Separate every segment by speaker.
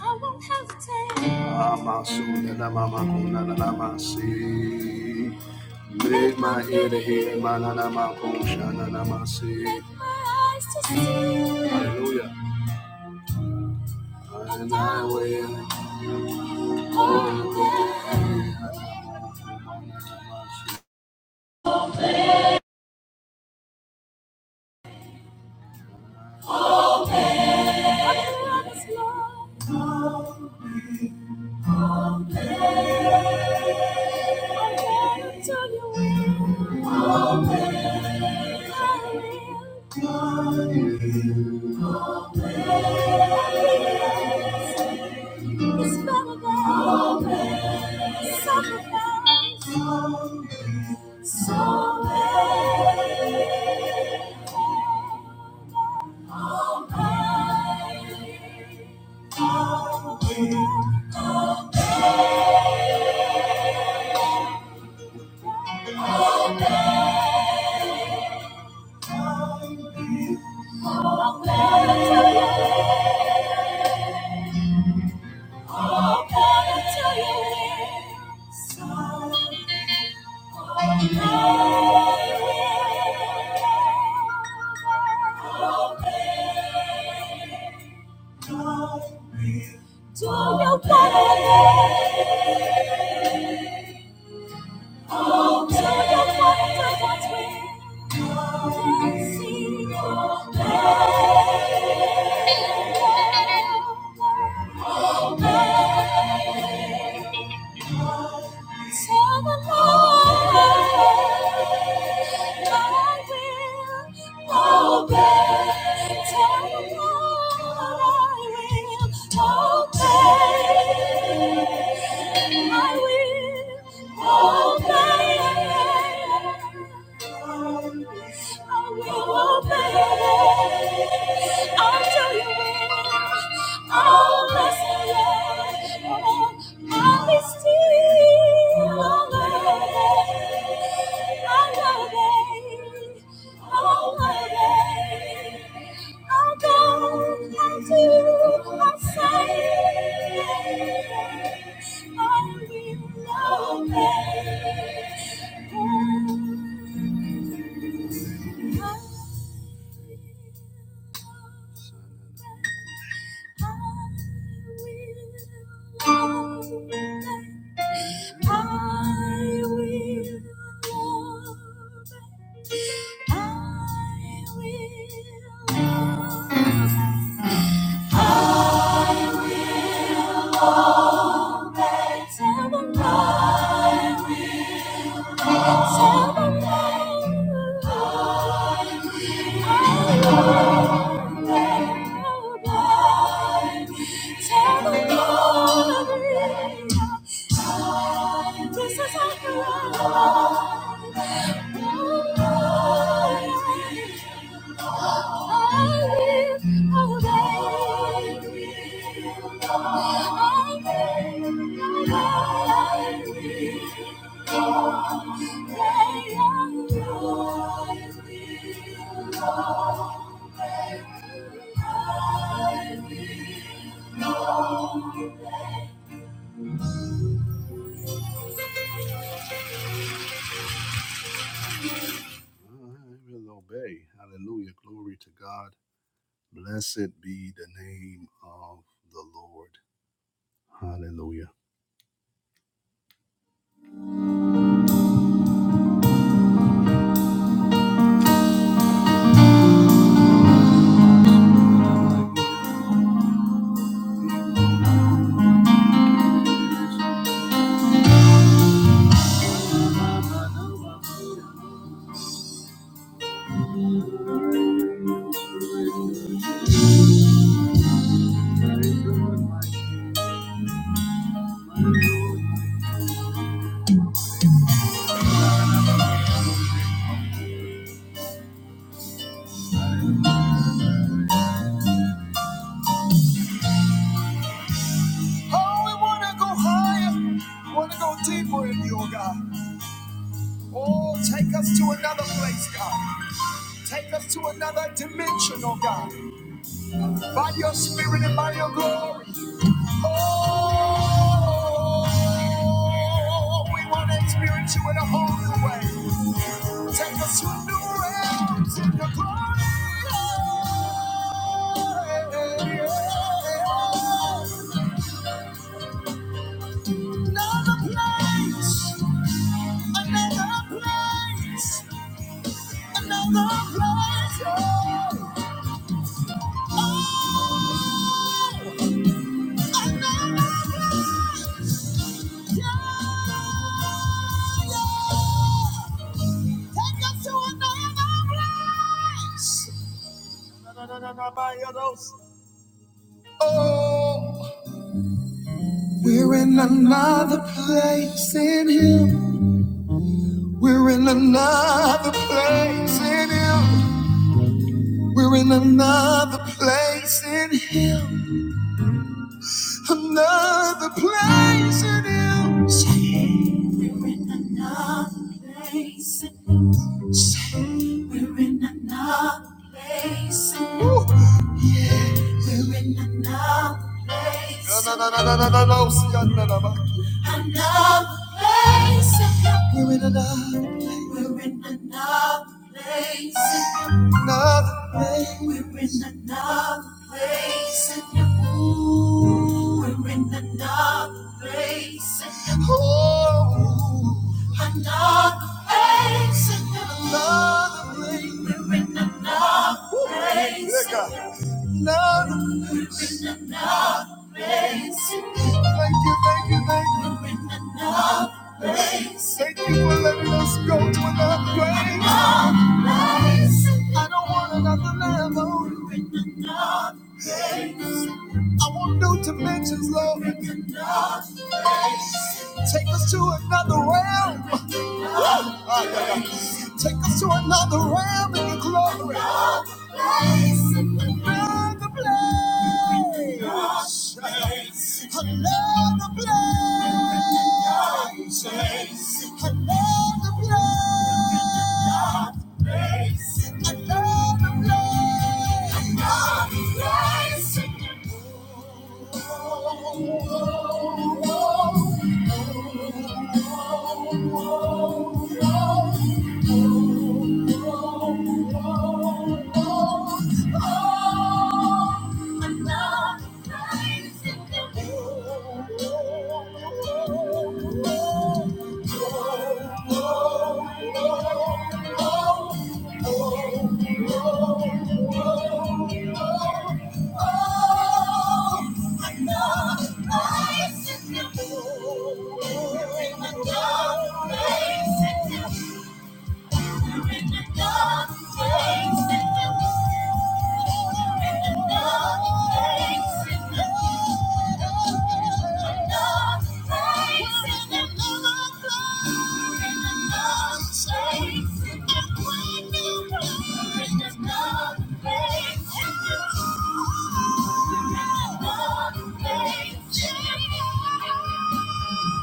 Speaker 1: I won't hesitate. Amasunanamakunanamasi. Make my ear to hear, mananamakunshananamasi. Make my eyes to see. Hallelujah. And And I I will will. obey. What you want is love. Thank you. Oh, Thank you. Till the morning, I will obey. Till the morning, I will obey. I will obey. I will obey. i do Oh, blessed Lord, I still obey. I obey. I will. Thank you. I will obey. Hallelujah. Glory to God. Blessed be the name of the Lord. Hallelujah. Oh, we want to go higher. We want to go deeper in you, oh God. Oh, take us to another place, God. Take us to another dimension, oh God. By your spirit and by your glory. Oh, we want to experience you in a whole new way. Take us to new realms in your glory. Another place, another place, another place. Oh, Take us to another place. Na, na, na, na, by your nose. We're in another place in you. We're in another place in Him. Another place in you. We're in another place. We're in another place. Woo! We're in another place. No, no, no, no, no, no, no, no. See, I We're in another, another place. Oh, another place. Woo! Yeah, Another place. Thank you, thank you, thank you. Thank you for letting us go to another place. I don't want another level. I want new dimensions, Lord. Take us to another realm. Ah, yeah, yeah. Take us to another realm in your glory. Another place. Another place. Another place in the world. I know life's beautiful, and I know things will change. Thank you.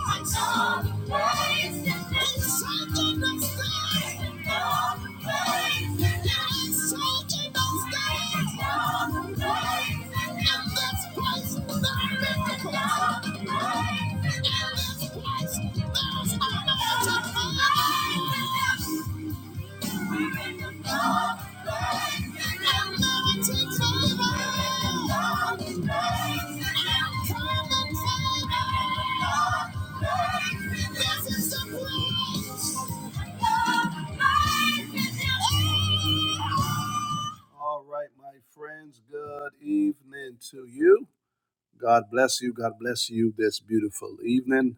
Speaker 1: Thank you. All right, my friends, good evening to you. God bless you. God bless you this beautiful evening.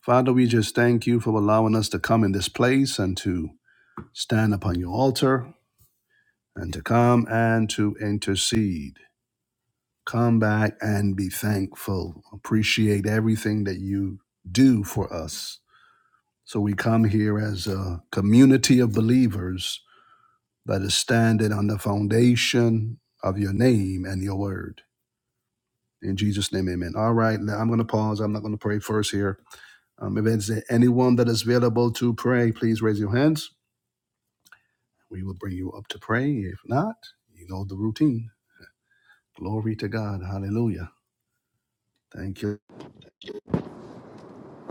Speaker 1: Father, we just thank you for allowing us to come in this place and to stand upon your altar and to come and to intercede. Come back and be thankful. Appreciate everything that you do for us. So we come here as a community of believers that is standing on the foundation of your name and your word. In Jesus' name, amen. All right, now I'm going to pause. I'm not going to pray first here. Um, if there's anyone that is available to pray, please raise your hands. We will bring you up to pray. If not, you know the routine. Glory to God. Hallelujah. Thank you.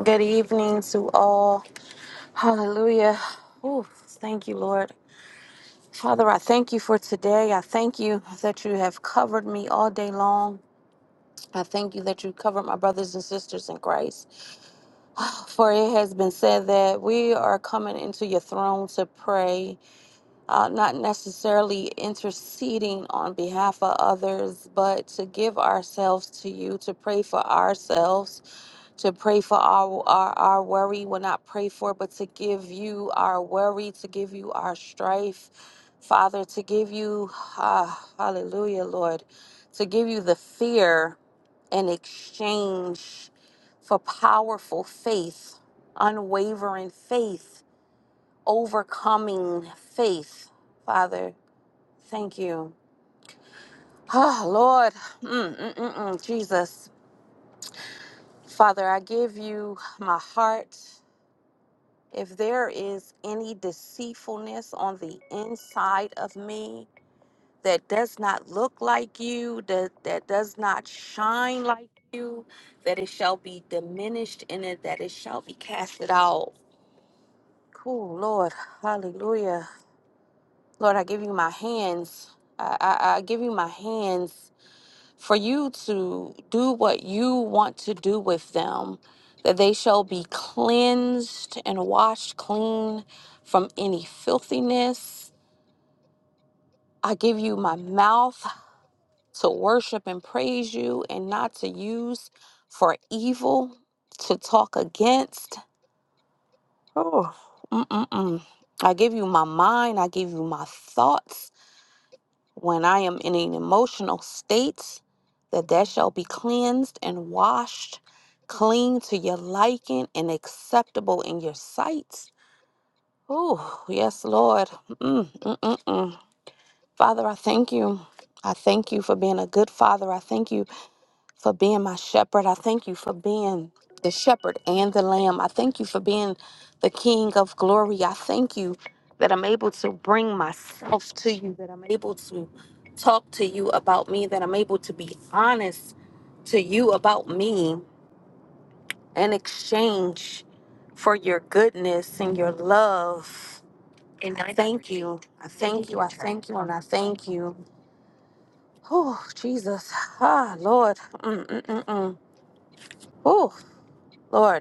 Speaker 2: Good evening to all. Hallelujah. Ooh, thank you, Lord. Father, I thank you for today. I thank you that you have covered me all day long. I thank you that you covered my brothers and sisters in Christ. For it has been said that we are coming into your throne to pray uh, not necessarily interceding on behalf of others, but to give ourselves to you, to pray for ourselves, to pray for our, our, our worry, we well, not pray for, but to give you our worry, to give you our strife, Father, to give you, ah, hallelujah, Lord, to give you the fear in exchange for powerful faith, unwavering faith overcoming faith. Father, thank you. Oh, Lord, mm, mm, mm, mm. Jesus, Father, I give you my heart. If there is any deceitfulness on the inside of me that does not look like you, that, that does not shine like you, that it shall be diminished in it, that it shall be casted out. Cool, Lord. Hallelujah. Lord, I give you my hands. I, I, I give you my hands for you to do what you want to do with them, that they shall be cleansed and washed clean from any filthiness. I give you my mouth to worship and praise you and not to use for evil, to talk against. Oh, mm-mm-mm. I give you my mind. I give you my thoughts. when I am in an emotional state, that that shall be cleansed and washed clean to your liking and acceptable in your sight. Oh, yes, Lord. Mm, mm, mm, mm. Father, I thank you. I thank you for being a good father. I thank you for being my shepherd. I thank you for being the shepherd and the lamb. I thank you for being the king of glory. I thank you that I'm able to bring myself to you, that I'm able to talk to you about me, that I'm able to be honest to you about me in exchange for your goodness and your love. And I thank you. I thank you. I thank you. And I thank you. Oh, Jesus. Ah, Lord. Mm-mm-mm-mm. Oh, Lord.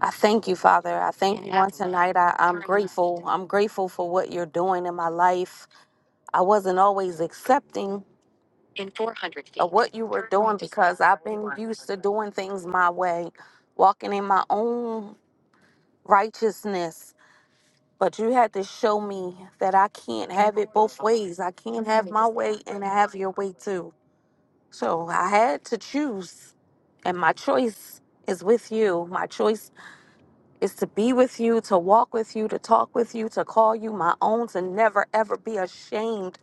Speaker 2: I thank you, Father. I thank you on tonight. I, I'm grateful. I'm grateful for what you're doing in my life. I wasn't always accepting of what you were doing because I've been used to doing things my way, walking in my own righteousness. But you had to show me that I can't have it both ways. I can't have my way and have your way too. So I had to choose, and my choice is with you. My choice is to be with you, to walk with you, to talk with you, to call you my own, to never ever be ashamed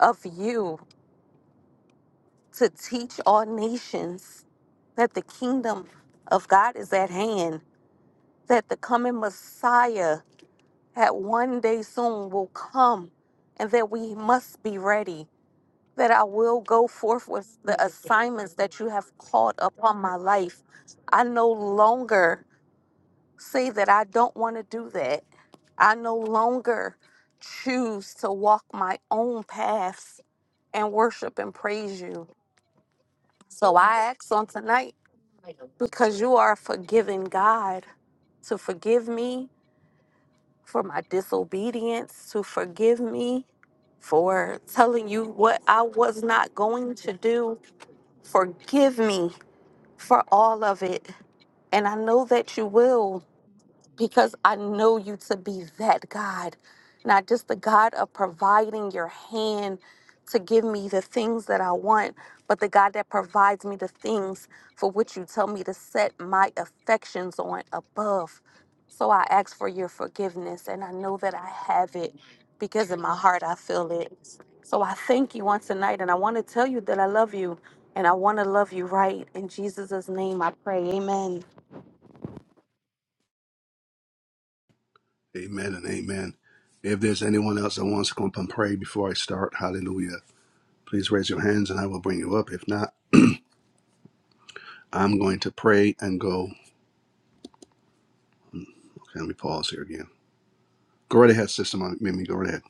Speaker 2: of you, to teach all nations that the kingdom of God is at hand, that the coming Messiah at one day soon will come, and that we must be ready, that I will go forth with the assignments that you have called upon my life. I no longer say that I don't want to do that. I no longer choose to walk my own paths and worship and praise you. So I ask on tonight because you are a forgiving God to forgive me for my disobedience, to forgive me for telling you what I was not going to do. Forgive me for all of it. And I know that you will because I know you to be that God, not just the God of providing your hand to give me the things that I want, but the God that provides me the things for which you tell me to set my affections on above. So I ask for your forgiveness, and I know that I have it because in my heart I feel it. So I thank you on tonight, and I want to tell you that I love you, and I want to love you right. In Jesus' name I pray. Amen.
Speaker 1: Amen and amen. If there's anyone else that wants to come up and pray before I start, hallelujah, please raise your hands and I will bring you up. If not, I'm going to pray and go. Can we pause here again? Go right ahead, Sister Ma- Mimi. Go right ahead.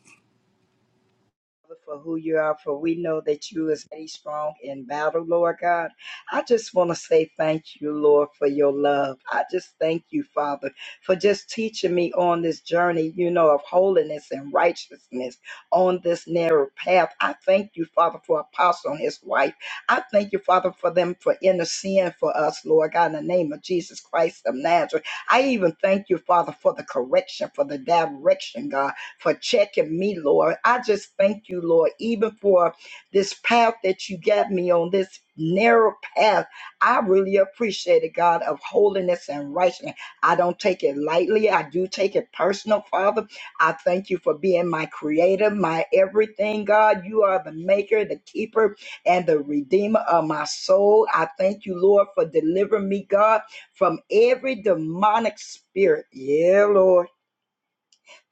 Speaker 3: Father, for who you are, for we know that you is very strong in battle, Lord God. I just want to say thank you, Lord, for your love. I just thank you, Father, for just teaching me on this journey, you know, of holiness and righteousness on this narrow path. I thank you, Father, for Apostle and his wife. I thank you, Father, for them for interceding for us, Lord God, in the name of Jesus Christ of Nazareth. I even thank you, Father, for the correction, for the direction, God for checking me, Lord. I just thank you, Lord, even for this path that you got me on, this narrow path. I really appreciate it, God, of holiness and righteousness. I don't take it lightly. I do take it personal, Father. I thank you for being my creator, my everything, God. You are the maker, the keeper, and the redeemer of my soul. I thank you, Lord, for delivering me, God, from every demonic spirit. Yeah, Lord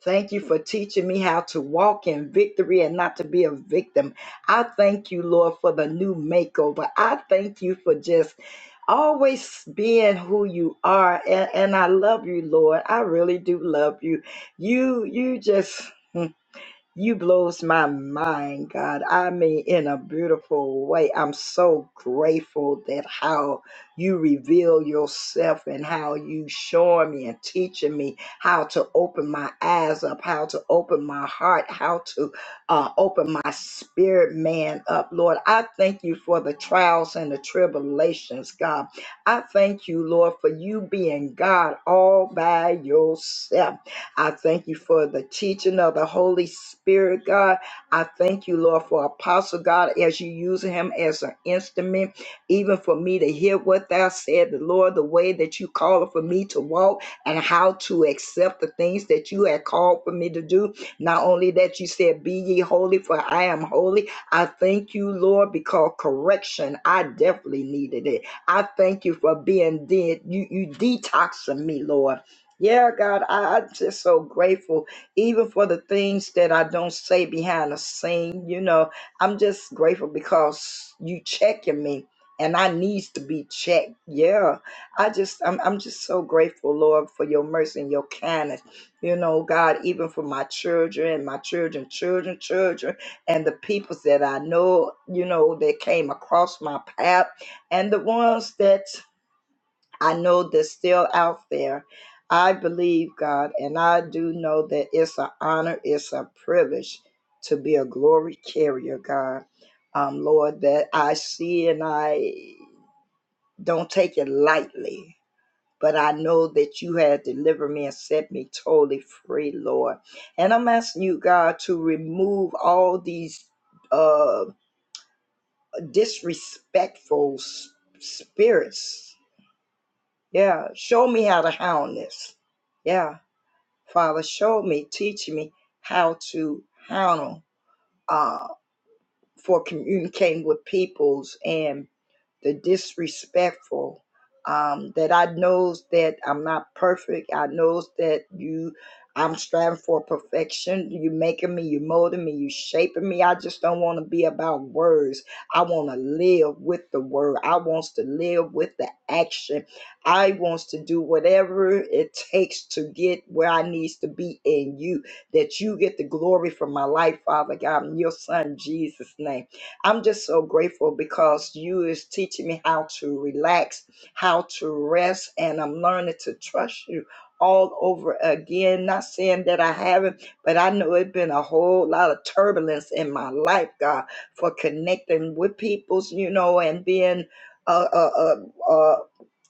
Speaker 3: Thank you for teaching me how to walk in victory and not to be a victim. I thank you, Lord, for the new makeover. I thank you for just always being who you are. And, and I love you, Lord. I really do love you. You, you just. hmm, you blows my mind, God. I mean, in a beautiful way. I'm so grateful that how you reveal yourself and how you showing me and teaching me how to open my eyes up, how to open my heart, how to uh, open my spirit man up, Lord. I thank you for the trials and the tribulations, God. I thank you, Lord, for you being God all by yourself. I thank you for the teaching of the Holy Spirit, God. I thank you, Lord, for Apostle God as you use him as an instrument, even for me to hear what thou said, the Lord, the way that you called for me to walk and how to accept the things that you had called for me to do. Not only that you said, Be ye holy, for I am holy. I thank you, Lord, because correction, I definitely needed it. I thank you for being dead. You you detoxing me, Lord. Yeah, God, I, I'm just so grateful, even for the things that I don't say behind the scene. You know, I'm just grateful because you checking me, and I needs to be checked. Yeah, I just, I'm, I'm just so grateful, Lord, for your mercy and your kindness. You know, God, even for my children, and my children, children, children, and the people that I know, you know, that came across my path, and the ones that I know they're still out there. I believe God, and I do know that it's an honor, it's a privilege to be a glory carrier, God. Um, Lord, that I see and I don't take it lightly, but I know that you had delivered me and set me totally free, Lord. And I'm asking you, God, to remove all these uh, disrespectful s- spirits Yeah, show me how to hound this. Yeah, Father, show me, teach me how to hound 'em, uh, for communicating with peoples and the disrespectful um, that i knows that i'm not perfect i knows that you i'm striving for perfection you making me you molding me you shaping me i just don't want to be about words i want to live with the word i wants to live with the action i wants to do whatever it takes to get where i needs to be in you that you get the glory from my life father god in your son jesus name I'm just so grateful because you is teaching me how to relax, how to rest, and I'm learning to trust you all over again. Not saying that I haven't, but I know it's been a whole lot of turbulence in my life, God, for connecting with people's, you know, and being uh, uh, uh, uh,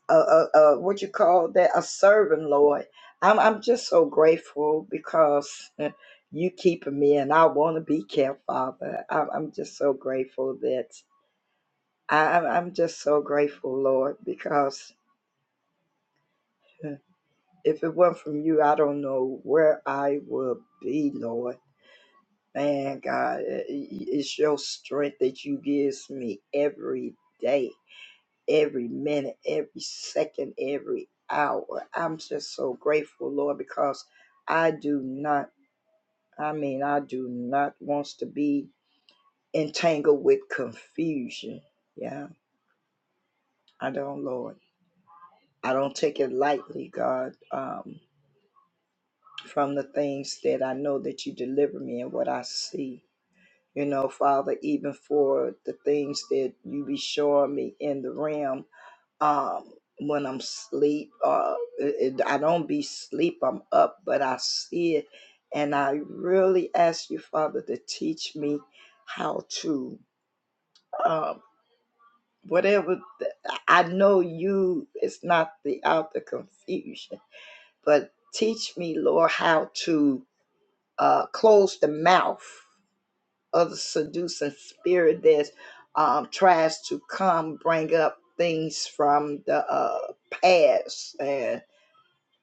Speaker 3: a, a, a what you call that a servant lord i'm i'm just so grateful because eh, you keeping me and i want to be kept father i'm, I'm just so grateful that I, i'm I'm just so grateful lord because eh, if it weren't from you i don't know where i would be lord man god eh, eh, it's your strength that you gives me every day every minute, every second, every hour. I'm just so grateful, Lord, because I do not, I mean, I do not want to be entangled with confusion. Yeah, I don't, Lord. I don't take it lightly, God, um, from the things that I know that you deliver me and what I see. You know, Father, even for the things that you be showing me in the realm um when I'm sleep. Uh, it, it- I don't be sleep. I'm up, but I see it, and I really ask you, Father, to teach me how to um whatever. The, I know you. It's not the out the confusion, but teach me, Lord, how to uh close the mouth of the seducing spirit that um tries to come bring up things from the uh past and.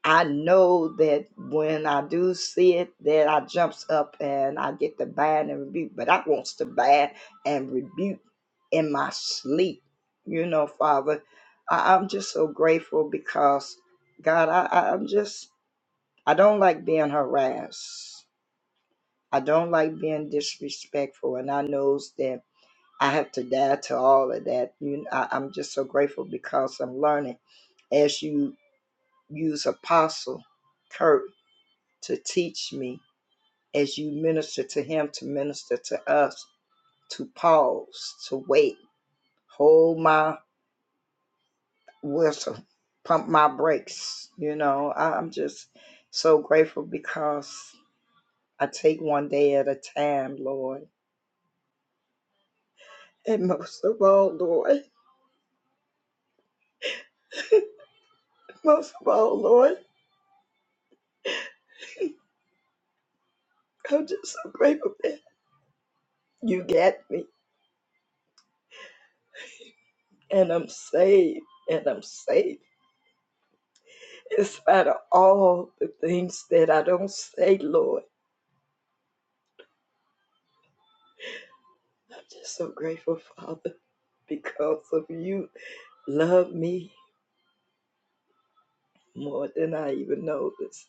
Speaker 3: I know that when I do see it, that I jumps up and I get to ban and rebuke, but I wants to ban and rebuke in my sleep. You know, Father, I, I'm just so grateful because God, I, I, I'm just I don't like being harassed. I don't like being disrespectful, and I knows that I have to die to all of that. You, I, I'm just so grateful because I'm learning as you use apostle Kurt to teach me as you minister to him to minister to us to pause to wait hold my whistle pump my brakes you know I- am just so grateful because i take one day at a time lord and most of all lord most of all lord i'm just so grateful that you got me and i'm saved and i'm saved, in spite of all the things that i don't say lord I'm just so grateful, Father, because of you. Love me more than I even noticed.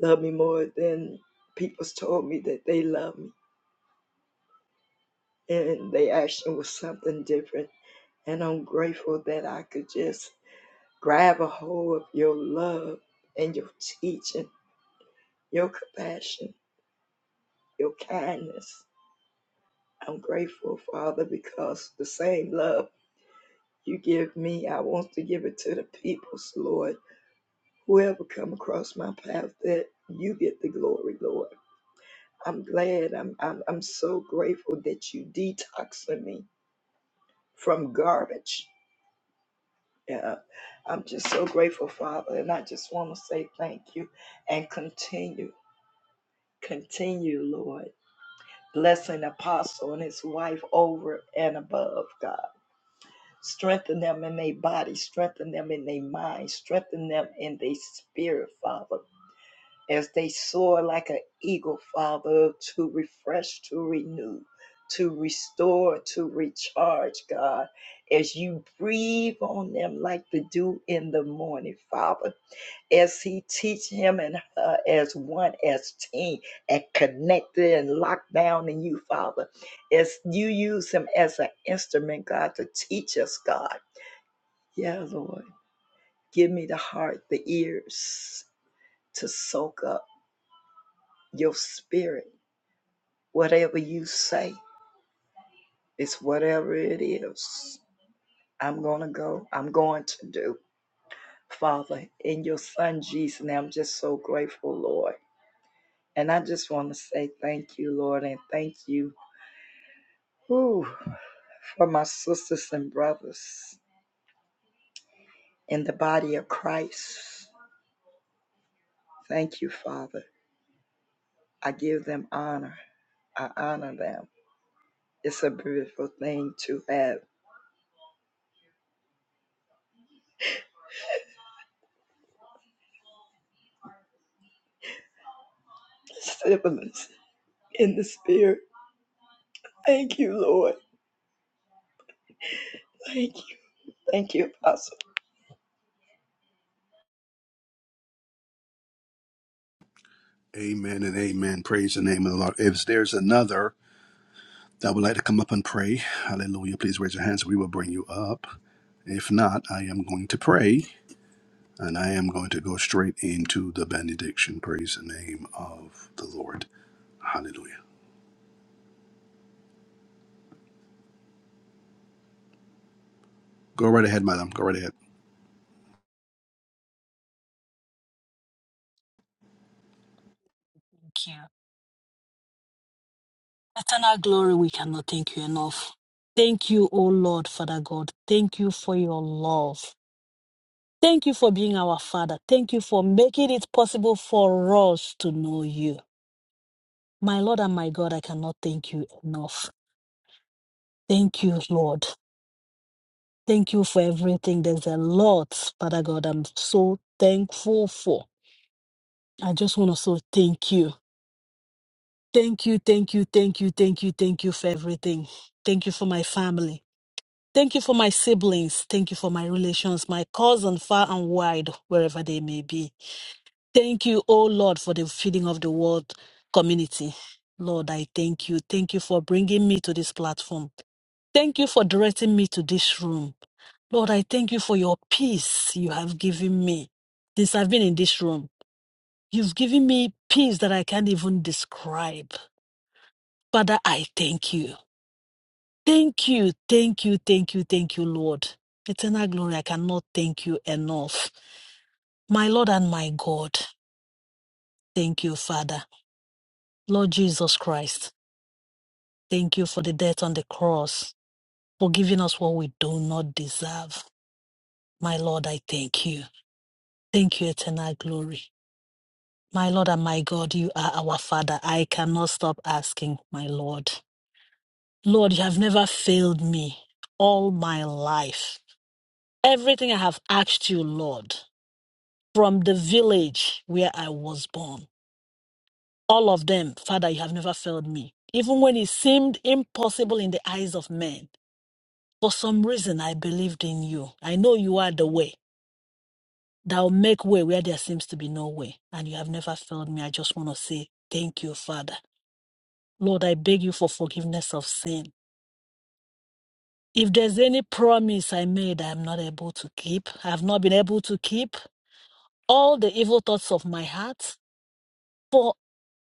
Speaker 3: Love me more than people's told me that they love me. And they action was something different. And I'm grateful that I could just grab a hold of your love and your teaching, your compassion, your kindness. I'm grateful, Father, because the same love you give me, I want to give it to the people's Lord whoever come across my path that you get the glory, Lord. I'm glad. I'm I'm I'm so grateful that you detoxing me from garbage. Yeah. I'm just so grateful, Father, and I just want to say thank you and continue, continue, Lord. Blessing Apostle and his wife over and above, God. Strengthen them in their body, strengthen them in their mind, strengthen them in their spirit, Father. as they soar like an eagle, Father, to refresh, to renew, to restore, to recharge, God, as you breathe on them like the dew in the morning, Father. As he teach him and her as one, as team, and connected and locked down in you, Father. As you use him as an instrument, God, to teach us, God. Yeah, Lord. Give me the heart, the ears to soak up your spirit Whatever you say, it's whatever it is. I'm going to go. I'm going to do. Father, in your son Jesus' name, I'm just so grateful, Lord. And I just want to say thank you, Lord, and thank you whew, for my sisters and brothers in the body of Christ. Thank you, Father. I give them honor. I honor them. It's a beautiful thing to have siblings in the spirit. Thank you, Lord. Thank you. Thank you, Apostle.
Speaker 1: Amen and amen. Praise the name of the Lord. If there's another that would like to come up and pray, hallelujah, please raise your hands. We will bring you up. If not, I am going to pray And I am going to go straight into the benediction. Praise the name of the Lord. Hallelujah. Go right ahead, madam. Go right ahead.
Speaker 4: Thank you. Eternal glory, we cannot thank you enough. Thank you, O Lord, Father God. Thank you for your love. Thank you for being our Father. Thank you for making it possible for us to know you. My Lord and my God, I cannot thank you enough. Thank you, Lord. Thank you for everything. There's a lot, Father God, I'm so thankful for. I just want to say thank you. Thank you, thank you, thank you, thank you, thank you for everything. Thank you for my family. Thank you for my siblings. Thank you for my relations, my cousin far and wide, wherever they may be. Thank you, oh Lord, for the feeding of the world community. Lord, I thank you. Thank you for bringing me to this platform. Thank you for directing me to this room. Lord, I thank you for your peace you have given me since I've been in this room. You've given me peace that I can't even describe. Father, I thank you. Thank you, thank you, thank you, thank you, Lord. Eternal glory, I cannot thank you enough. My Lord and my God, thank you, Father. Lord Jesus Christ, thank you for the death on the cross, for giving us what we do not deserve. My Lord, I thank you. Thank you, eternal glory. My Lord and my God, you are our Father. I cannot stop asking, my Lord. Lord, you have never failed me all my life. Everything I have asked you, Lord. from the village where I was born. All of them, Father, you have never failed me. Even when it seemed impossible in the eyes of men, for some reason I believed in you. I know you are the way that will make way where there seems to be no way. And you have never failed me. I just want to say thank you, Father. Lord, I beg you for forgiveness of sin. If there's any promise I made I am not able to keep, I have not been able to keep all the evil thoughts of my heart, For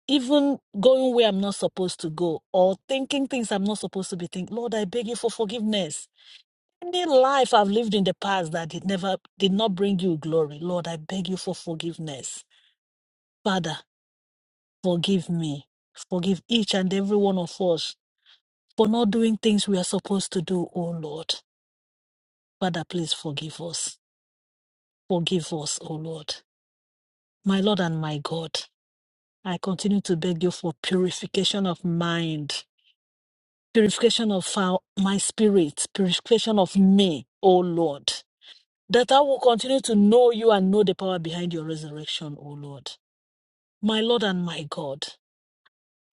Speaker 4: even going where I'm not supposed to go or thinking things I'm not supposed to be thinking. Lord, I beg you for forgiveness. Any life I've lived in the past that did never did not bring you glory, Lord, I beg you for forgiveness. Father, forgive me. Forgive each and every one of us for not doing things we are supposed to do, O Lord. Father, please forgive us. Forgive us, O Lord. My Lord and my God, I continue to beg you for purification of mind purification of our, my spirit, purification of me, O Lord, that I will continue to know you and know the power behind your resurrection, O Lord. My Lord and my God,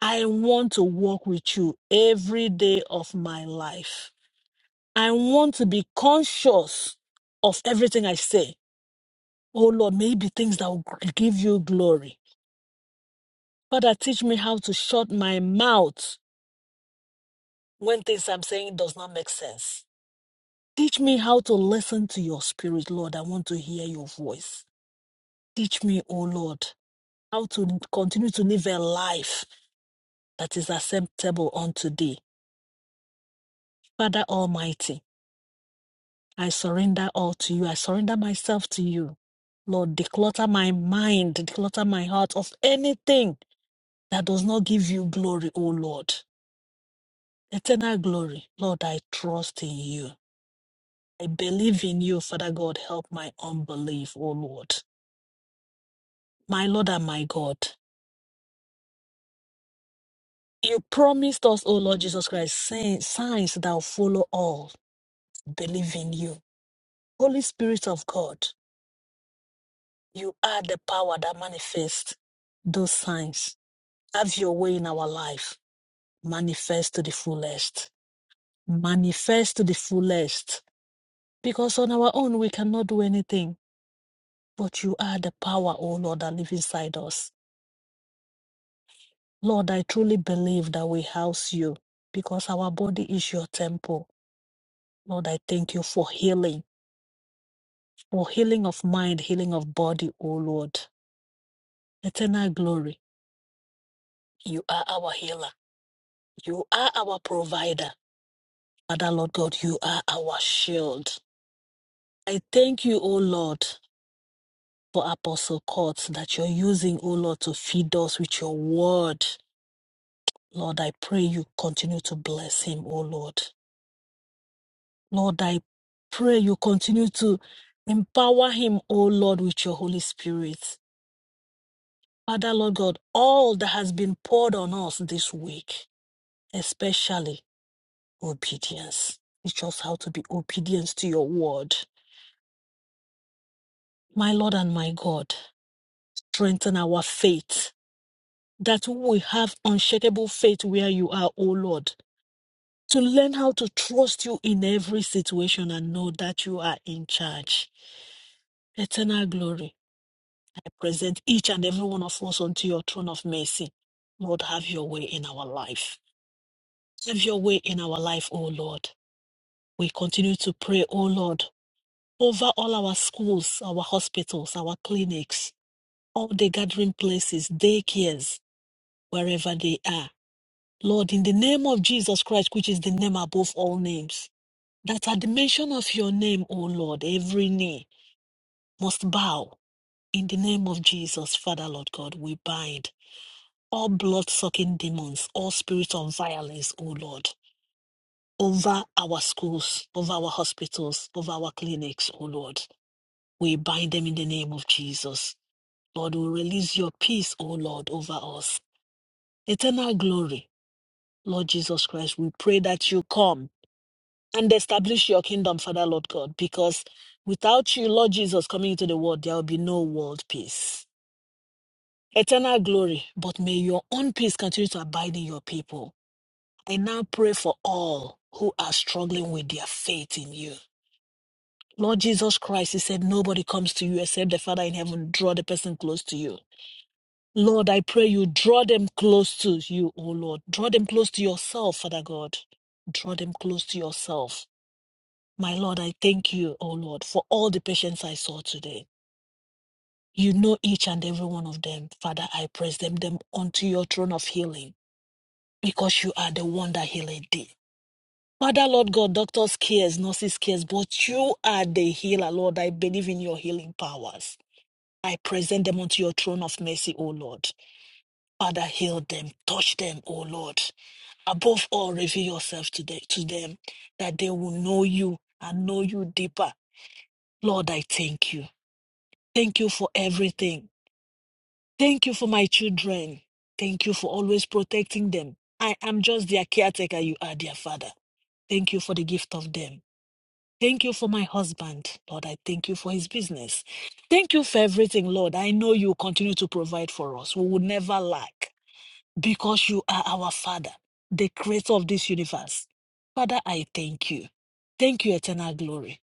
Speaker 4: I want to walk with you every day of my life. I want to be conscious of everything I say. Oh Lord, maybe things that will give you glory. Father, teach me how to shut my mouth when things I'm saying does not make sense Teach me how to listen to your spirit, Lord. I want to hear your voice. Teach me, O Lord, how to continue to live a life that is acceptable unto thee. Father Almighty, I surrender all to you. I surrender myself to you. Lord, declutter my mind, declutter my heart of anything that does not give you glory, O Lord. Eternal glory. Lord, I trust in you. I believe in you, Father God. Help my unbelief, O Lord. My Lord and my God. You promised us, O Lord Jesus Christ, sign- signs that will follow all who believe in you. Holy Spirit of God, you are the power that manifests those signs. Have your way in our life. Manifest to the fullest. Manifest to the fullest. Because on our own, we cannot do anything. But you are the power, O Lord, that lives inside us. Lord, I truly believe that we house you because our body is your temple. Lord, I thank you for healing. for healing of mind, healing of body, O Lord. Eternal glory, you are our healer. You are our provider. Father, Lord God, you are our shield. I thank you, O Lord, for Apostle Courts that you're using, O Lord, to feed us with your word. Lord, I pray you continue to bless him, O Lord. Lord, I pray you continue to empower him, O Lord, with your Holy Spirit. Father, Lord God, all that has been poured on us this week. especially obedience. Teach us how to be obedient to your word. My Lord and my God, strengthen our faith that we have unshakable faith where you are, O Lord, to learn how to trust you in every situation and know that you are in charge. Eternal glory, I present each and every one of us unto your throne of mercy. Lord, have your way in our life. Have your way in our life, O Lord. We continue to pray, O Lord, over all our schools, our hospitals, our clinics, all the gathering places, daycares, wherever they are. Lord, in the name of Jesus Christ, which is the name above all names, that at the mention of your name, O Lord, every knee must bow. In the name of Jesus, Father, Lord God, we bind all blood sucking demons, all spirits of violence, O Lord, over our schools, over our hospitals, over our clinics, O Lord. We bind them in the name of Jesus. Lord, we release your peace, O Lord, over us. Eternal glory, Lord Jesus Christ, we pray that you come and establish your kingdom, Father, Lord God, because without you, Lord Jesus, coming into the world, there will be no world peace. Eternal glory, but may your own peace continue to abide in your people. I now pray for all who are struggling with their faith in you. Lord Jesus Christ, He said, Nobody comes to you except the Father in heaven draw the person close to you. Lord, I pray you draw them close to you, O Lord. Draw them close to yourself, Father God. Draw them close to yourself. My Lord, I thank you, O Lord, for all the patients I saw today. You know each and every one of them. Father, I praise them, them unto your throne of healing because you are the one that healed thee. Father, Lord God, doctors cares, nurses cares, but you are the healer, Lord. I believe in your healing powers. I present them unto your throne of mercy, O Lord. Father, heal them, touch them, O Lord. Above all, reveal yourself to, the, to them that they will know you and know you deeper. Lord, I thank you. Thank you for everything. Thank you for my children. Thank you for always protecting them. I am just their caretaker. You are their father. Thank you for the gift of them. Thank you for my husband. Lord, I thank you for his business. Thank you for everything, Lord. I know you continue to provide for us. We will never lack. because you are our Father, the creator of this universe. Father, I thank you. Thank you, eternal glory.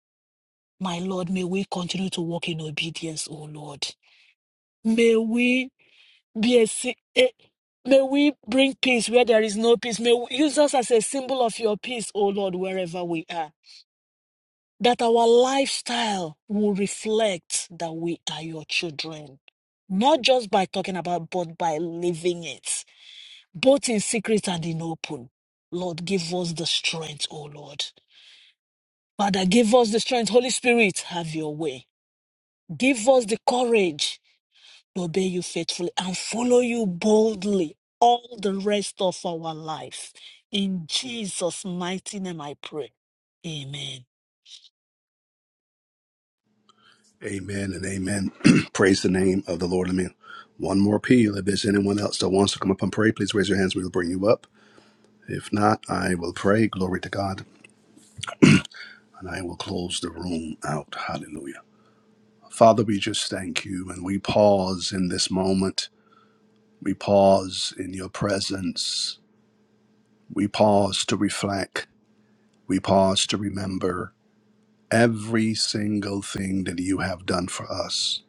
Speaker 4: My Lord, may we continue to walk in obedience, O Lord. May we be a, si- eh, may we bring peace where there is no peace. May we use us as a symbol of your peace, O Lord, wherever we are. That our lifestyle will reflect that we are your children. Not just by talking about, but by living it. both in secret and in open. Lord, give us the strength, O Lord. Father, give us the strength. Holy Spirit, have your way. Give us the courage to obey you faithfully and follow you boldly all the rest of our life. In Jesus' mighty name I pray. Amen.
Speaker 1: Amen and amen. praise the name of the Lord. Let me one more appeal. If there's anyone else that wants to come up and pray, please raise your hands. We will bring you up. If not, I will pray. Glory to God. And I will close the room out. Hallelujah. Father, we just thank you. And we pause in this moment. We pause in your presence. We pause to reflect. We pause to remember every single thing that you have done for us.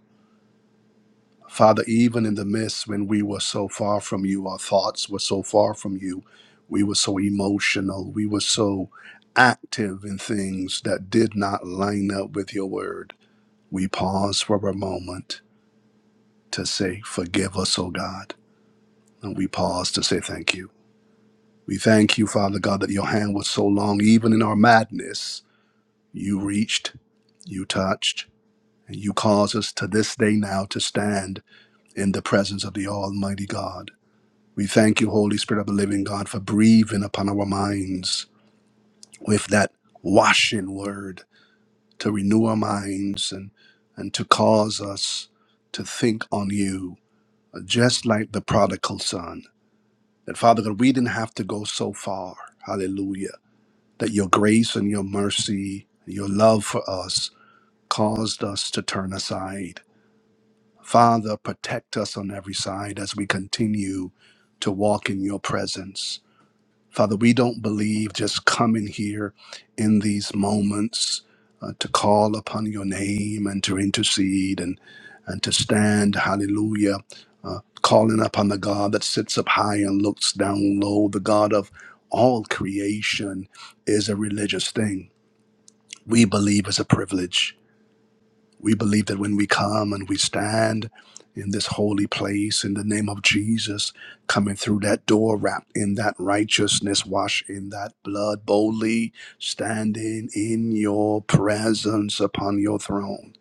Speaker 1: Father, even in the midst when we were so far from you, our thoughts were so far from you, we were so emotional, we were so active in things that did not line up with your word. We pause for a moment to say, Forgive us, O God. And we pause to say thank you. We thank you, Father God, that your hand was so long, even in our madness, you reached, you touched And you cause us to this day now to stand in the presence of the Almighty God. We thank you, Holy Spirit of the living God, for breathing upon our minds with that washing word to renew our minds and, and to cause us to think on you, uh, just like the prodigal son. That, Father God, we didn't have to go so far. Hallelujah. That your grace and your mercy, your love for us caused us to turn aside Father, protect us on every side as we continue to walk in your presence. Father, we don't believe just coming here in these moments uh, to call upon your name and to intercede and, and to stand, hallelujah, uh, calling upon the God that sits up high and looks down low, the God of all creation, is a religious thing. We believe is a privilege we believe that when we come and we stand in this holy place in the name of Jesus, coming through that door, wrapped in that righteousness, washed in that blood, boldly standing in your presence upon your throne,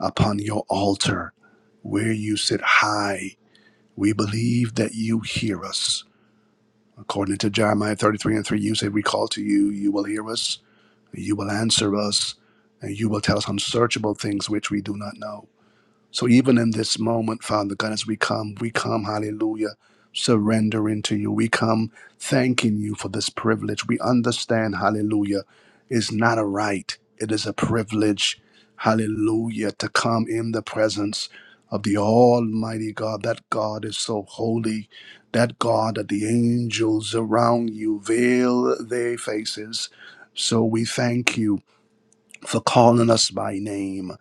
Speaker 1: upon your altar, where you sit high. We believe that you hear us. According to Jeremiah 33 and 3, you say, We call to you, you will hear us, you will answer us, and you will tell us unsearchable things which we do not know. So even in this moment, Father God, as we come, we come, hallelujah, surrendering to you. We come thanking you for this privilege. We understand, hallelujah, is not a right. It is a privilege, hallelujah, to come in the presence of the Almighty God. That God is so holy. That God that the angels around you veil their faces. So we thank you for calling us by name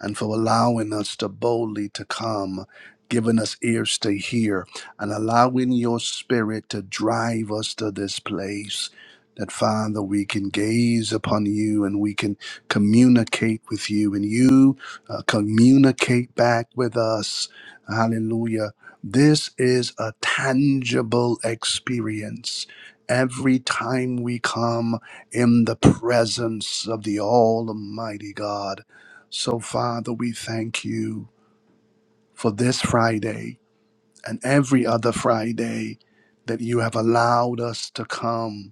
Speaker 1: and for allowing us to boldly to come giving us ears to hear and allowing your spirit to drive us to this place that father we can gaze upon you and we can communicate with you and you uh, communicate back with us hallelujah this is a tangible experience every time we come in the presence of the almighty god so, Father, we thank you for this Friday and every other Friday that you have allowed us to come,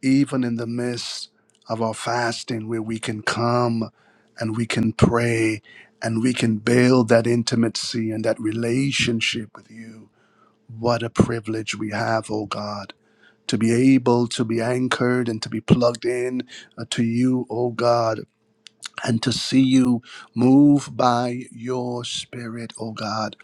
Speaker 1: even in the midst of our fasting, where we can come and we can pray and we can build that intimacy and that relationship with you. What a privilege we have, oh God, to be able to be anchored and to be plugged in uh, to you, oh God and to see you move by your spirit, oh God.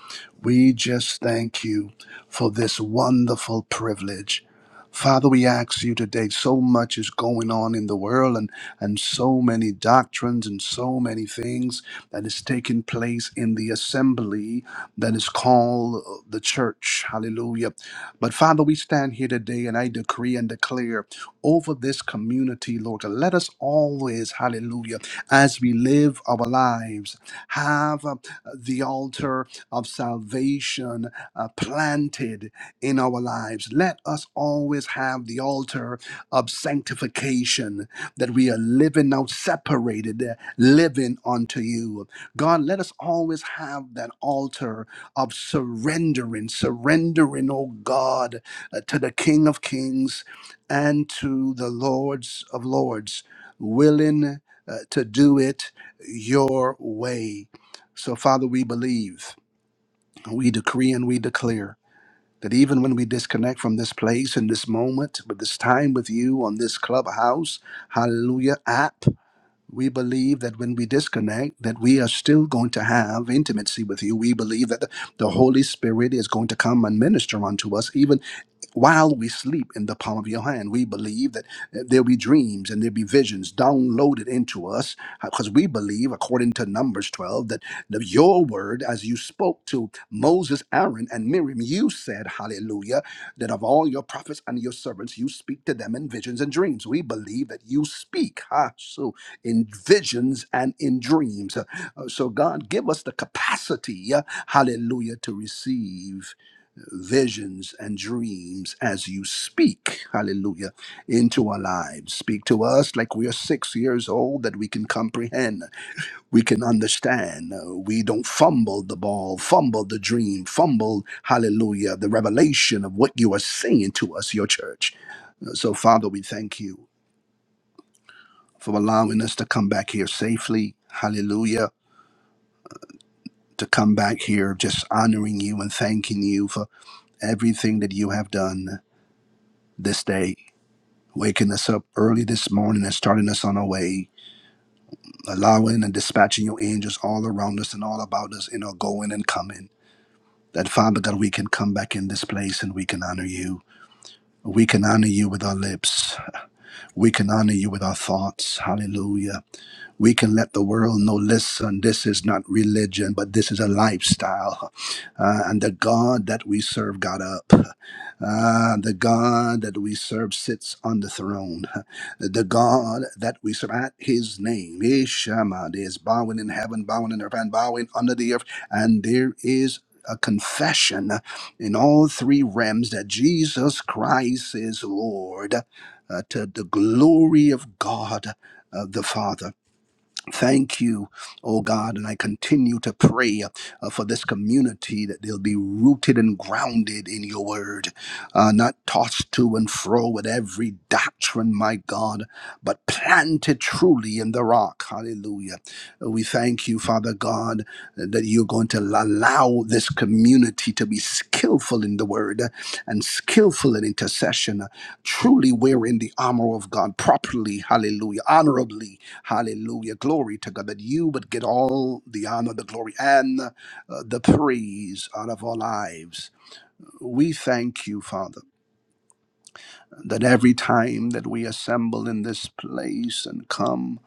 Speaker 1: We just thank you for this wonderful privilege. Father, we ask you today, so much is going on in the world and, and so many doctrines and so many things that is taking place in the assembly that is called the church. Hallelujah. But Father, we stand here today and I decree and declare over this community, Lord God. Let us always, hallelujah, as we live our lives, have uh, the altar of salvation uh, planted in our lives. Let us always have the altar of sanctification that we are living now separated, uh, living unto you. God, let us always have that altar of surrendering, surrendering, oh God, uh, to the King of Kings and to the Lords of Lords, willing uh, to do it your way. So, Father, we believe, we decree, and we declare that even when we disconnect from this place in this moment, with this time with you on this clubhouse, hallelujah, app, we believe that when we disconnect that we are still going to have intimacy with you we believe that the, the holy spirit is going to come and minister unto us even while we sleep in the palm of your hand we believe that uh, there'll be dreams and there'll be visions downloaded into us because we believe according to numbers 12 that the, your word as you spoke to moses aaron and miriam you said hallelujah that of all your prophets and your servants you speak to them in visions and dreams we believe that you speak ha so in visions and in dreams. Uh, So, God, give us the capacity, uh, hallelujah, to receive visions and dreams as you speak, hallelujah, into our lives. Speak to us like we are six years old, that we can comprehend, we can understand. Uh, We don't fumble the ball, fumble the dream, fumble, hallelujah, the revelation of what you are saying to us, your church. Uh, So, Father, we thank you for allowing us to come back here safely. Hallelujah. To come back here, just honoring you and thanking you for everything that you have done this day, waking us up early this morning and starting us on our way, allowing and dispatching your angels all around us and all about us in our going and coming. That Father God, we can come back in this place and we can honor you. We can honor you with our lips. We can honor you with our thoughts. Hallelujah. we can let the world know listen, this is not religion, but this is a lifestyle. Uh, and the God that we serve got up. Uh, the God that we serve sits on the throne. The God that we serve at his name, Ishama, is bowing in heaven, bowing in earth, and bowing under the earth. And there is a confession in all three realms that Jesus Christ is Lord uh, to the glory of God uh, the Father. Thank you, oh God. And I continue to pray uh, for this community that they'll be rooted and grounded in your word, uh, not tossed to and fro with every doctrine, my God, but planted truly in the rock. Hallelujah. Uh, We thank you, Father God, that you're going to allow this community to be skillful in the word uh, and skillful in intercession, uh, truly wearing the armor of God properly. Hallelujah. Honorably Hallelujah. Glory to God that you would get all the honor, the glory, and uh, the praise out of our lives. We thank you, Father, that every time that we assemble in this place and come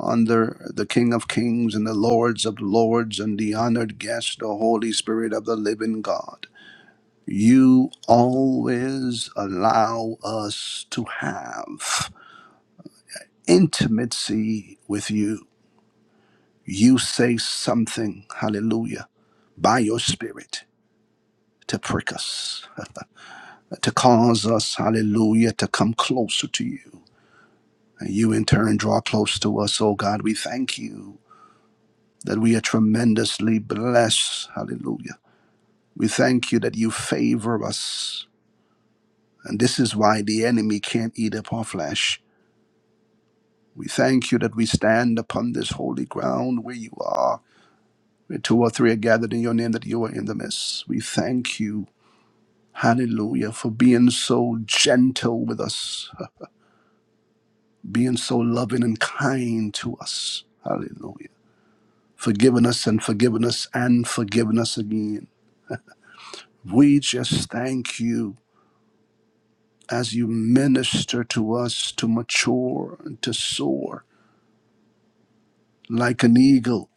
Speaker 1: under the King of Kings and the Lords of Lords and the honored guest, the Holy Spirit of the living God, you always allow us to have intimacy with you. You say something, hallelujah by your spirit to prick us, to cause us, hallelujah, to come closer to you. And you in turn draw close to us, oh God. We thank you that we are tremendously blessed, hallelujah. We thank you that you favor us. And this is why the enemy can't eat up our flesh. We thank you that we stand upon this holy ground where you are, where two or three are gathered in your name, that you are in the midst. We thank you Hallelujah. For being so gentle with us, uh, being so loving and kind to us. Hallelujah. Forgiving us and forgiving us and forgiving us again. We just thank you as you minister to us to mature and to soar like an eagle,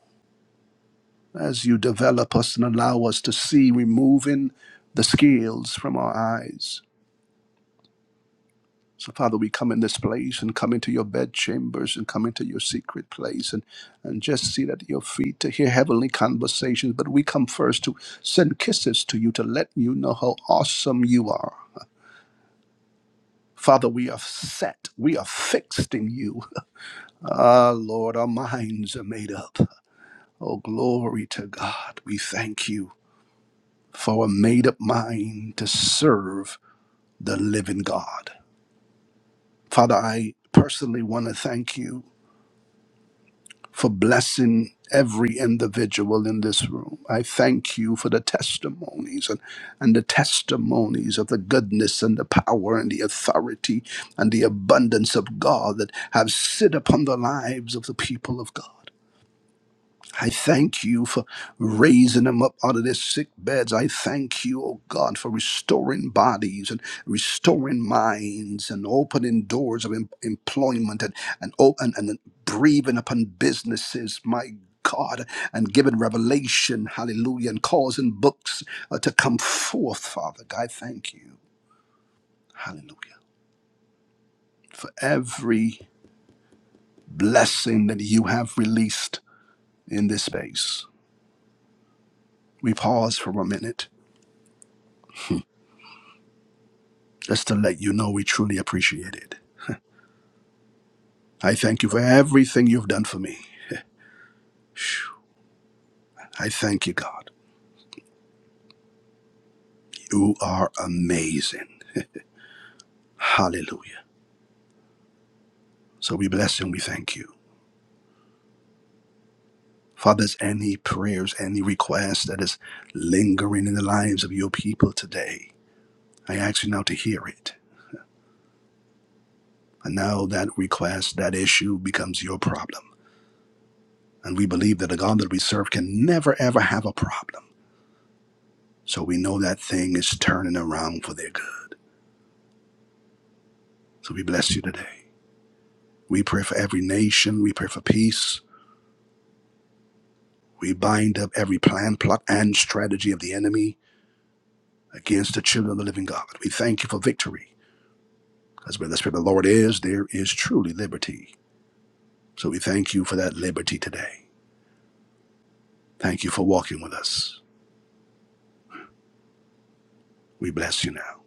Speaker 1: as you develop us and allow us to see, removing the scales from our eyes So, Father, we come in this place and come into your bedchambers and come into your secret place and, and just sit at your feet to hear heavenly conversations. But we come first to send kisses to you to let you know how awesome you are. Father, we are set. We are fixed in you. Ah, Lord, our minds are made up. Oh, glory to God. We thank you for a made up mind to serve the living God. Father, I personally want to thank you for blessing every individual in this room. I thank you for the testimonies and, and the testimonies of the goodness and the power and the authority and the abundance of God that have sit upon the lives of the people of God. I thank you for raising them up out of their sick beds. I thank you, oh God, for restoring bodies and restoring minds and opening doors of em- employment and and, op- and and breathing upon businesses, my God, and giving revelation, hallelujah, and causing books uh, to come forth, Father. God, I thank you, hallelujah, for every blessing that you have released in this space. We pause for a minute just to let you know we truly appreciate it. I thank you for everything you've done for me. I thank you, God. You are amazing. Hallelujah. So we bless you and we thank you. Father, there's any prayers, any requests that is lingering in the lives of your people today, I ask you now to hear it. And now that request, that issue becomes your problem. And we believe that the God that we serve can never, ever have a problem. So we know that thing is turning around for their good. So we bless you today. We pray for every nation. We pray for peace. We bind up every plan, plot, and strategy of the enemy against the children of the living God. We thank you for victory. Because where the Spirit of the Lord is, there is truly liberty. So we thank you for that liberty today. Thank you for walking with us. We bless you now.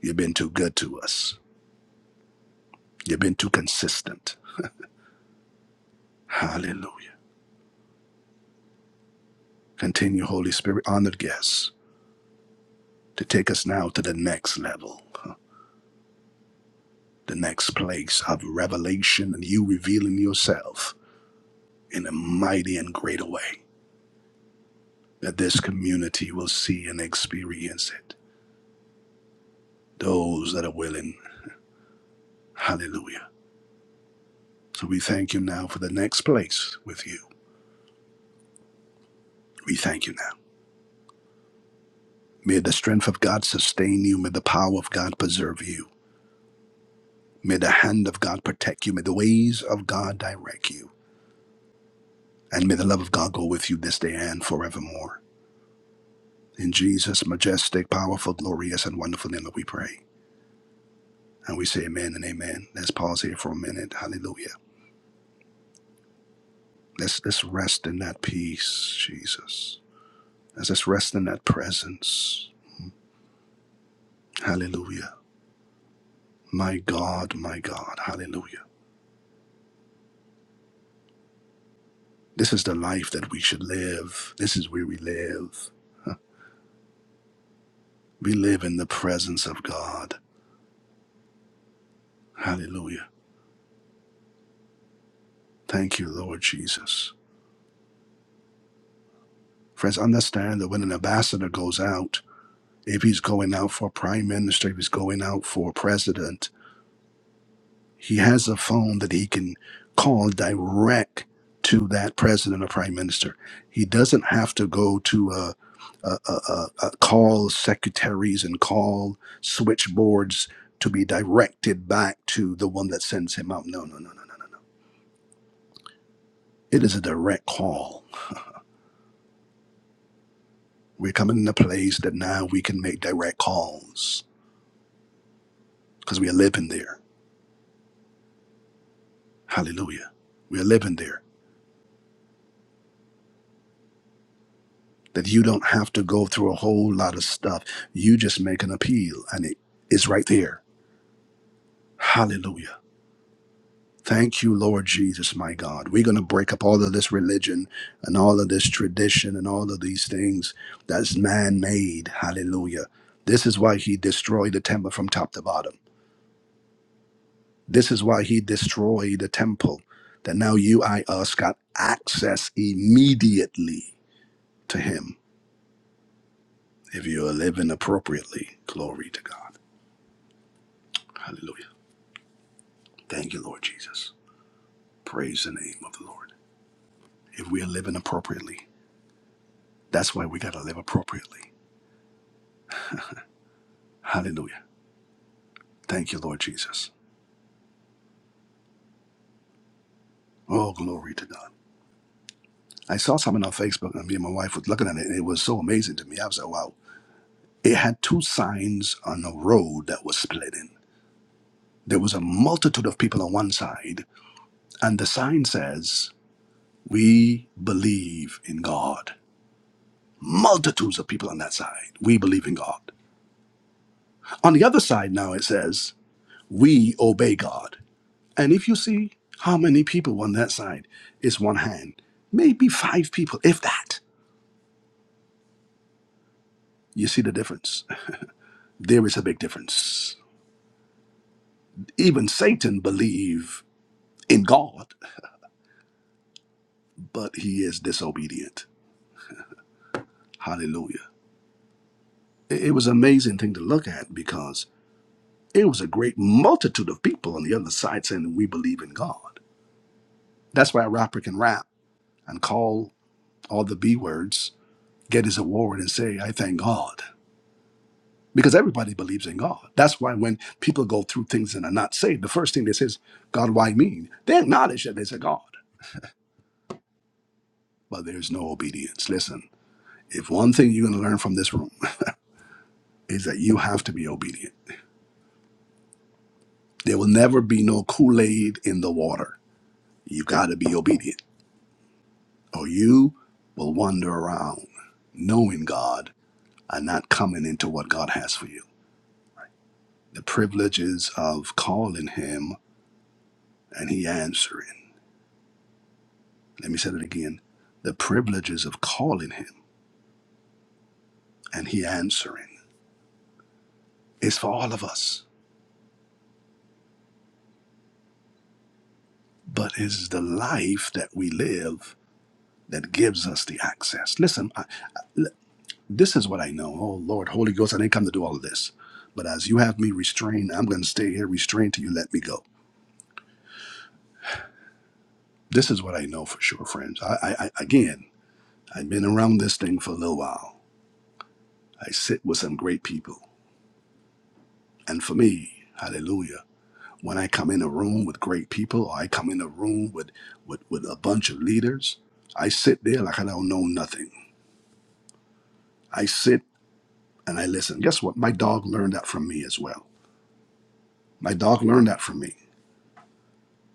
Speaker 1: You've been too good to us. You've been too consistent. Hallelujah. Continue, Holy Spirit, honored guests, to take us now to the next level, huh, the next place of revelation and you revealing yourself in a mighty and greater way that this community will see and experience it. Those that are willing. Hallelujah. So we thank you now for the next place with you. We thank you now. May the strength of God sustain you. May the power of God preserve you. May the hand of God protect you. May the ways of God direct you. And may the love of God go with you this day and forevermore. In Jesus' majestic, powerful, glorious, and wonderful name that we pray. And we say amen and amen. Let's pause here for a minute. Hallelujah. Let's, let's rest in that peace, Jesus. Let's just rest in that presence. Hallelujah. My God, my God. Hallelujah. This is the life that we should live. This is where we live. Huh. We live in the presence of God. Hallelujah. Thank you, Lord Jesus. Friends, understand that when an ambassador goes out, if he's going out for prime minister, if he's going out for president, He has a phone that he can call direct to that president or prime minister. He doesn't have to go to a, a, a, a a call secretaries and call switchboards to be directed back to the one that sends him out. No, no, no, no, no, no, no. It is a direct call. We're coming in a place that now we can make direct calls because we are living there. Hallelujah. We are living there that you don't have to go through a whole lot of stuff. You just make an appeal and it is right there. Hallelujah. Thank you, Lord Jesus, my God. We're going to break up all of this religion and all of this tradition and all of these things that's man made. Hallelujah. This is why he destroyed the temple from top to bottom. This is why he destroyed the temple that now you, I, us got access immediately to him if you're living appropriately. Glory to God. Hallelujah. Thank you, Lord Jesus. Praise the name of the Lord. If we are living appropriately, that's why we got to live appropriately. Hallelujah. Thank you, Lord Jesus. Oh, glory to God. I saw something on Facebook, and me and my wife was looking at it, and it was so amazing to me. I was like, wow. It had two signs on a road that was splitting. There was a multitude of people on one side, and the sign says, We believe in God. Multitudes of people on that side. We believe in God. On the other side now, it says, we obey God. And if you see how many people on that side is one hand, maybe five people, if that, you see the difference. There is a big difference. Even Satan believe in God, but he is disobedient. Hallelujah. It it was an amazing thing to look at because it was a great multitude of people on the other side saying we believe in God. That's why a rapper can rap and call all the B words, get his award and say, I thank God because everybody believes in God. That's why when people go through things and are not saved, the first thing they say is, God, why me? They acknowledge that there's a God, but there's no obedience. Listen, if one thing you're going to learn from this room is that you have to be obedient. There will never be no Kool Aid in the water. You got to be obedient, or you will wander around knowing God and not coming into what God has for you. The privileges of calling Him and He answering Let me say that again. The privileges of calling him and he answering is for all of us, but it's the life that we live that gives us the access. Listen, I, I- l- this is what I know. Oh, Lord, Holy Ghost, I didn't come to do all of this. But as you have me restrained, I'm going to stay here restrained till you let me go. This is what I know for sure, friends. I, I, I again, I've been around this thing for a little while. I sit with some great people. And for me, hallelujah. When I come in a room with great people, or I come in a room with, with, with a bunch of leaders, I sit there like I don't know nothing. I sit and I listen. Guess what? My dog learned that from me as well. My dog learned that from me.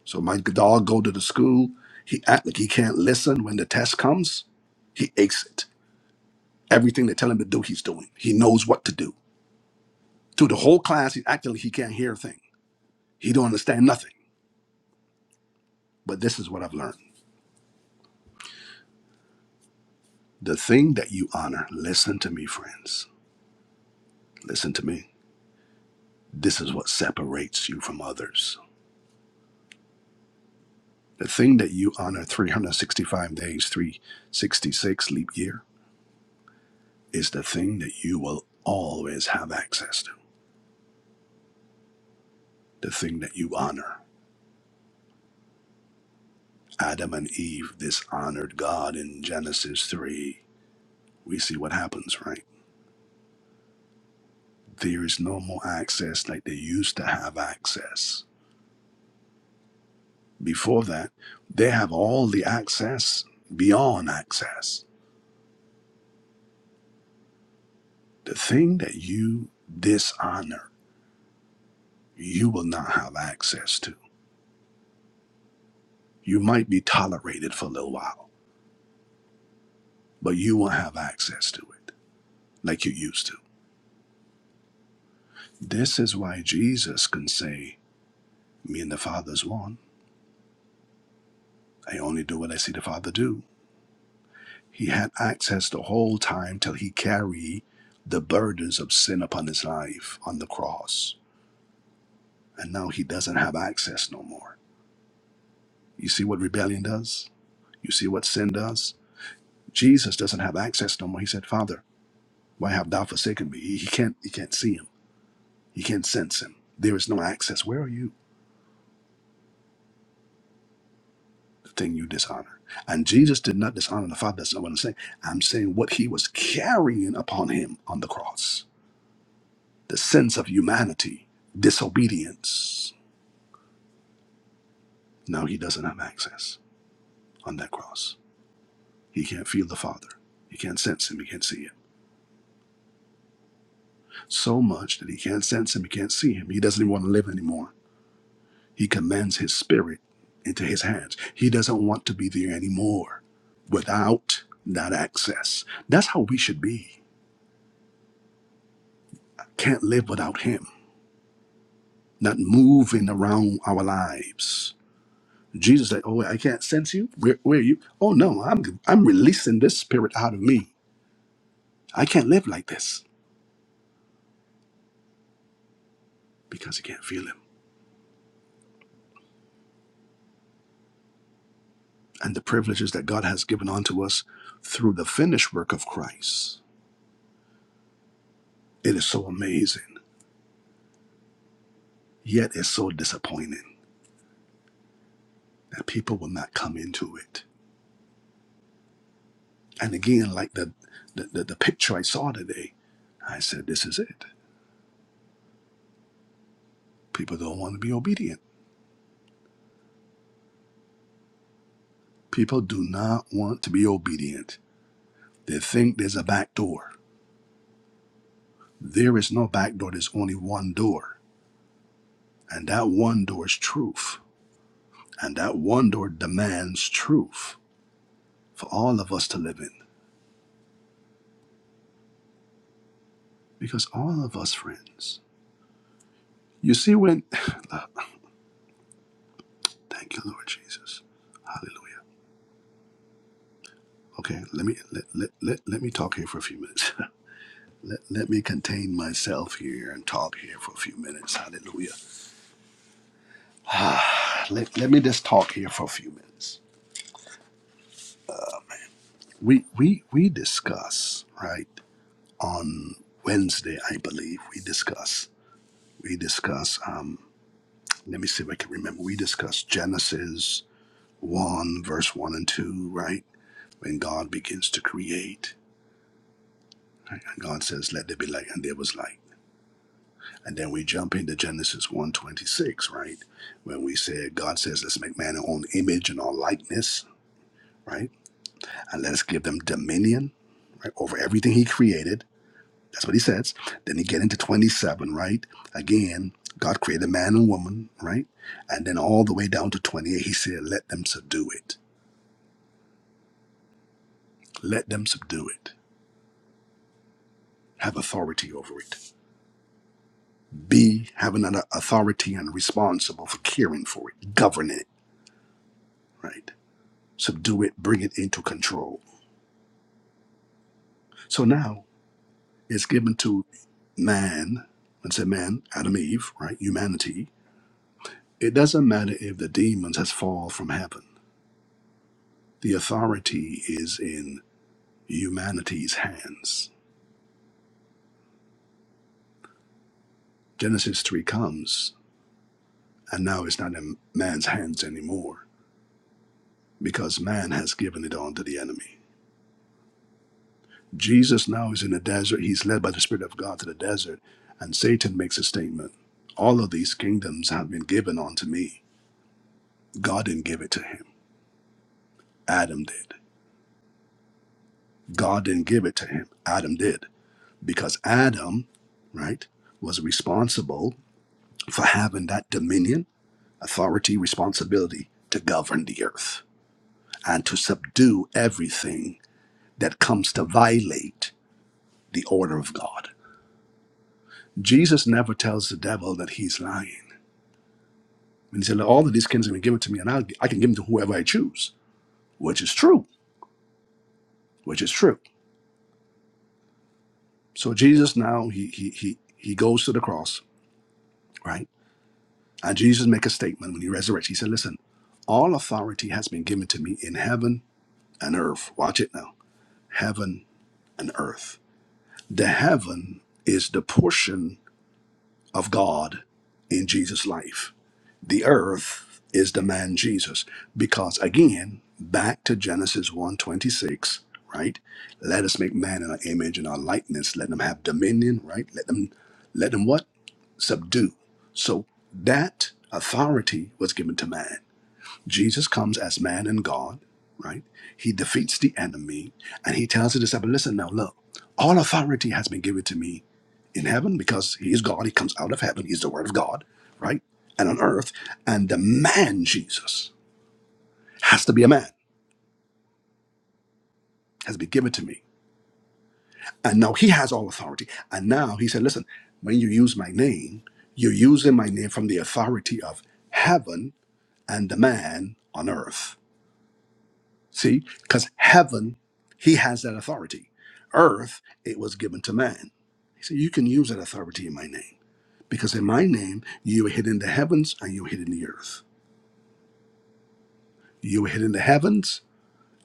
Speaker 1: So my dog go to the school. He act like he can't listen when the test comes. He aches it. Everything they tell him to do, he's doing. He knows what to do. Through the whole class, he's acting like he can't hear a thing. He don't understand nothing. But this is what I've learned. The thing that you honor, listen to me, friends. Listen to me This is what separates you from others. The thing that you honor 365 days, 366 leap year, is the thing that you will always have access to. The thing that you honor. Adam and Eve dishonored God in Genesis 3. We see what happens, right? There is no more access like they used to have access. Before that, they have all the access beyond access. The thing that you dishonor you will not have access to. You might be tolerated for a little while, but you won't have access to it like you used to. This is why Jesus can say, Me and the Father's one. I only do what I see the Father do. He had access the whole time till he carried the burdens of sin upon his life on the cross. And now he doesn't have access no more. You see what rebellion does? You see what sin does? Jesus doesn't have access no more. He said, Father, why have thou forsaken me? He he can't he can't see him You can't sense him. There is no access. Where are you? The thing you dishonor. And Jesus did not dishonor the Father. That's not what I'm saying. I'm saying what he was carrying upon him on the cross the sense of humanity, disobedience. Now he doesn't have access on that cross. He can't feel the Father. He can't sense him. He can't see him. So much that he can't sense him. He can't see him. He doesn't even want to live anymore He commends his spirit into his hands. He doesn't want to be there anymore without that access. That's how we should be. Can't live without him, not moving around our lives. Jesus said, Oh, I can't sense you. Where, where are you? Oh, no, I'm, I'm releasing this spirit out of me. I can't live like this because he can't feel him. And the privileges that God has given unto us through the finished work of Christ. It is so amazing, yet it's so disappointing that people will not come into it. And again, like the the, the, the picture I saw today, I said, this is it. People don't want to be obedient. People do not want to be obedient. They think there's a back door. There is no back door, there's only one door. And that one door is truth. And that one door demands truth for all of us to live in. Because all of us, friends, you see, when, thank you, Lord Jesus. Hallelujah Okay, let me let, let, let, let me talk here for a few minutes. let, let me contain myself here and talk here for a few minutes. Hallelujah. Ah, let, let me just talk here for a few minutes. We we we discuss, right, on Wednesday, I believe, we discuss. We discuss um let me see if I can remember. We discuss Genesis one, verse one and two, right? When God begins to create. right? And God says, Let there be light, and there was light And then we jump into Genesis 126, right? When we said God says, Let's make man in our own image and our likeness, right? And let us give them dominion, right, over everything he created. That's what he says. Then you get into 27, right? Again, God created man and woman, right? And then all the way down to 28, he said, Let them subdue it. Let them subdue it. Have authority over it. Be having an authority and responsible for caring for it, governing it, right? subdue it, bring it into control. So now it's given to man, and say man, Adam, Eve, right? Humanity. It doesn't matter if the demons has fallen from heaven. The authority is in humanity's hands. Genesis 3 comes, and now it's not in man's hands anymore because man has given it on to the enemy. Jesus now is in the desert. He's led by the Spirit of God to the desert, and Satan makes a statement All of these kingdoms have been given unto me. God didn't give it to him. Adam did. God didn't give it to him. Adam did. Because Adam, right, was responsible for having that dominion, authority, responsibility to govern the earth and to subdue everything that comes to violate the order of God. Jesus never tells the devil that he's lying. And he said, "Look, All of these kings have been given to me, and I'll, I can give them to whoever I choose, which is true, which is true. So Jesus now, he, he, he, he goes to the cross, right? And Jesus make a statement when he resurrects. He said, Listen, all authority has been given to me in heaven and earth. Watch it now. Heaven and earth. The heaven is the portion of God in Jesus' life. The earth is the man Jesus. Because again, back to Genesis one twenty-six. right? Let us make man in our image and our likeness. Let them have dominion, right? Let them let them what? Subdue. So that authority was given to man Jesus comes as man and God, right? He defeats the enemy and he tells the disciple, listen now, look, all authority has been given to me in heaven because he is God. He comes out of heaven. He's the word of God, right? And on earth. And the man Jesus has to be a man, has been given to me. And now he has all authority. And now he said, listen, when you use my name, you're using my name from the authority of heaven and the man on earth See, because heaven, he has that authority. Earth, it was given to man. He said, You can use that authority in my name, because in my name, you were hidden in the heavens and you were hidden in the earth. You were hidden in the heavens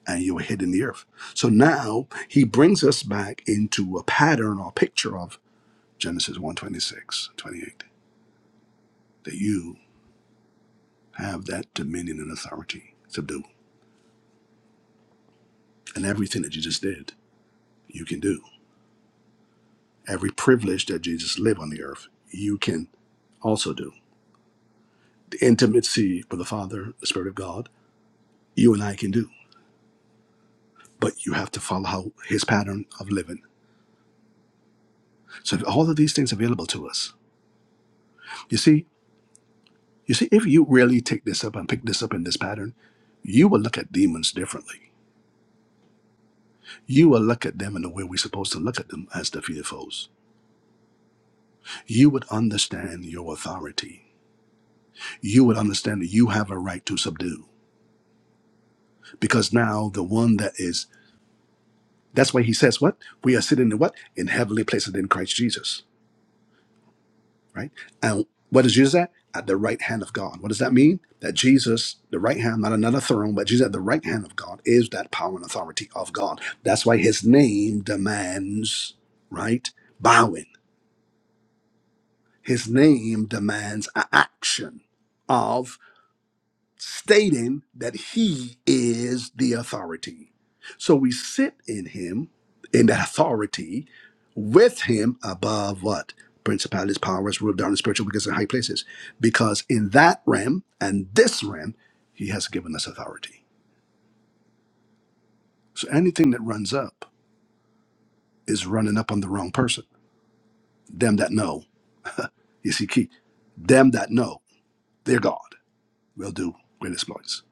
Speaker 1: and you were hidden in the earth. So now he brings us back into a pattern or picture of Genesis 1 twenty-eight, that you have that dominion and authority to do. And everything that you just did, you can do. every privilege that Jesus lived on the earth, you can also do. The intimacy with the Father, the Spirit of God, you and I can do, but you have to follow how his pattern of living. So all of these things available to us. You see, you see, if you really take this up and pick this up in this pattern, you will look at demons differently. You will look at them in the way we're supposed to look at them as defeated foes. You would understand your authority. You would understand that you have a right to subdue. Because now the one that is That's why he says what? We are sitting in what? In heavenly places in Christ Jesus, right? And what is Jesus at? At the right hand of God. What does that mean? That Jesus, the right hand, not another throne, but Jesus at the right hand of God is that power and authority of God. That's why his name demands, right? Bowing. His name demands an action of stating that he is the authority. So we sit in him, in the authority, with him above what? Principalities, powers, ruled down in spiritual wickedness in high places. Because in that realm and this realm, he has given us authority. So anything that runs up is running up on the wrong person. Them that know, you see, key. Them that know, their God will do great exploits.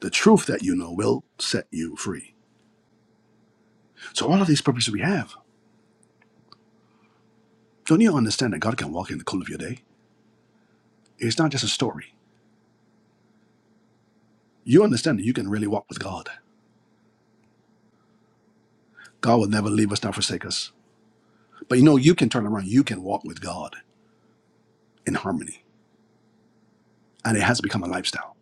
Speaker 1: The truth that you know will set you free. So all of these purposes we have Don't you understand that God can walk in the cool of your day? It's not just a story. You understand that you can really walk with God. God will never leave us nor forsake us. But you know, you can turn around. You can walk with God in harmony. And it has become a lifestyle.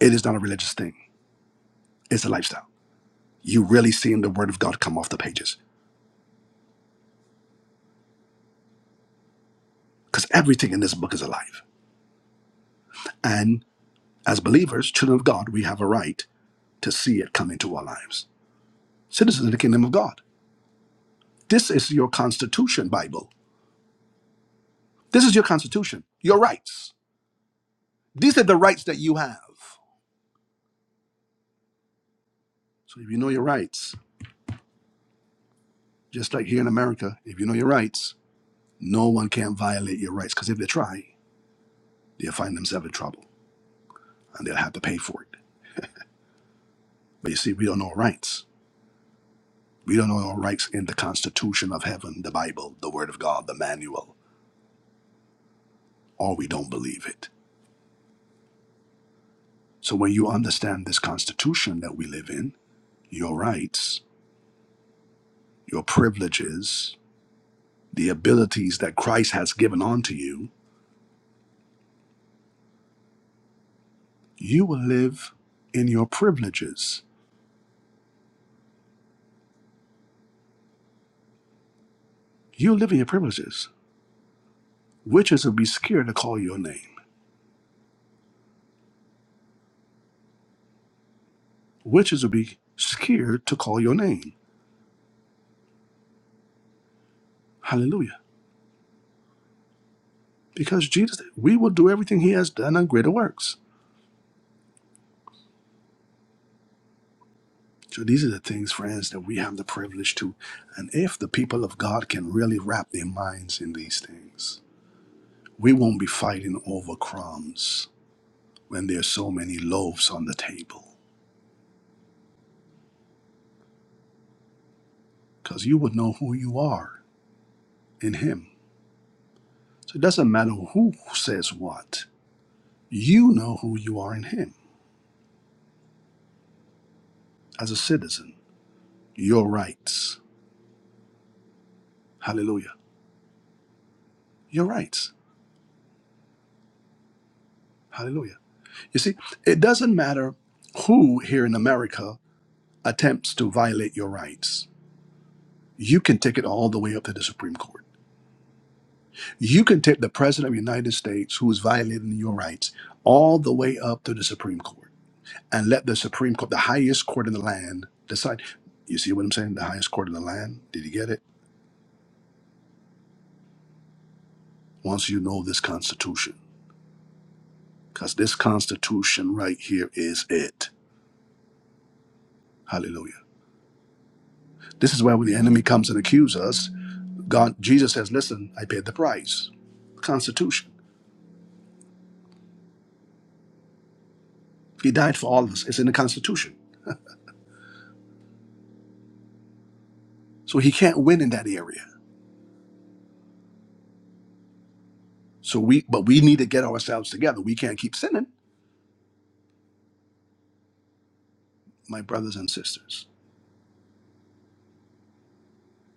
Speaker 1: It is not a religious thing, it's a lifestyle. you really seeing the word of God come off the pages because everything in this book is alive. And as believers, children of God, we have a right to see it come into our lives. Citizens of the kingdom of God. This is your constitution, Bible. This is your constitution, your rights. These are the rights that you have. So if you know your rights, just like here in America, if you know your rights, no one can violate your rights because if they try, they'll find themselves in trouble and they'll have to pay for it. But you see, we don't know our rights. We don't know our rights in the Constitution of Heaven, the Bible, the Word of God, the manual, or we don't believe it. So when you understand this Constitution that we live in, your rights, your privileges, the abilities that Christ has given unto you, you will live in your privileges You live in your privileges. Witches will be scared to call your name. Witches will be scared to call your name. Hallelujah. Because Jesus, we will do everything he has done and greater works. So these are the things, friends, that we have the privilege to. And if the people of God can really wrap their minds in these things, we won't be fighting over crumbs when there's so many loaves on the table. Because you would know who you are in him. So it doesn't matter who says what. You know who you are in him. as a citizen your rights. Hallelujah. Your rights. Hallelujah. You see, it doesn't matter who here in America attempts to violate your rights. You can take it all the way up to the Supreme Court. You can take the President of the United States who is violating your rights all the way up to the Supreme Court and let the Supreme Court, the highest court in the land, decide. You see what I'm saying? The highest court in the land. Did you get it? Once you know this Constitution, because this Constitution right here is it. Hallelujah. This is where when the enemy comes and accuses us, God, Jesus says, listen, I paid the price. Constitution. He died for all of us. It's in the Constitution. So he can't win in that area. So we, but we need to get ourselves together. We can't keep sinning, my brothers and sisters.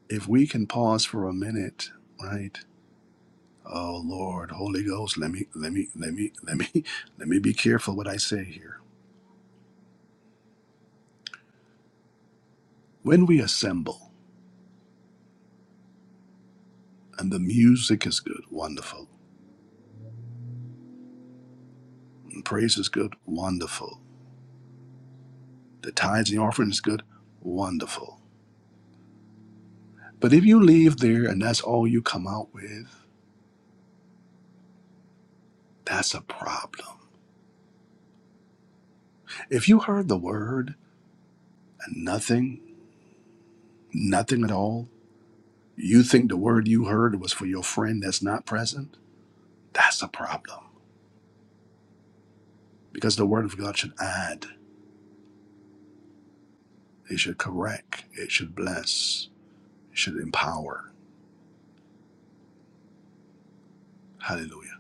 Speaker 1: If we can pause for a minute, right? Oh Lord, Holy Ghost, let me, let me, let me, let me, let me be careful what I say here. When we assemble and the music is good, wonderful, and praise is good, wonderful The tithes and the offering is good. Wonderful. But if you leave there and that's all you come out with, that's a problem. If you heard the word and nothing, nothing at all, you think the word you heard was for your friend that's not present, that's a problem. Because the word of God should add, it should correct, it should bless, it should empower. Hallelujah.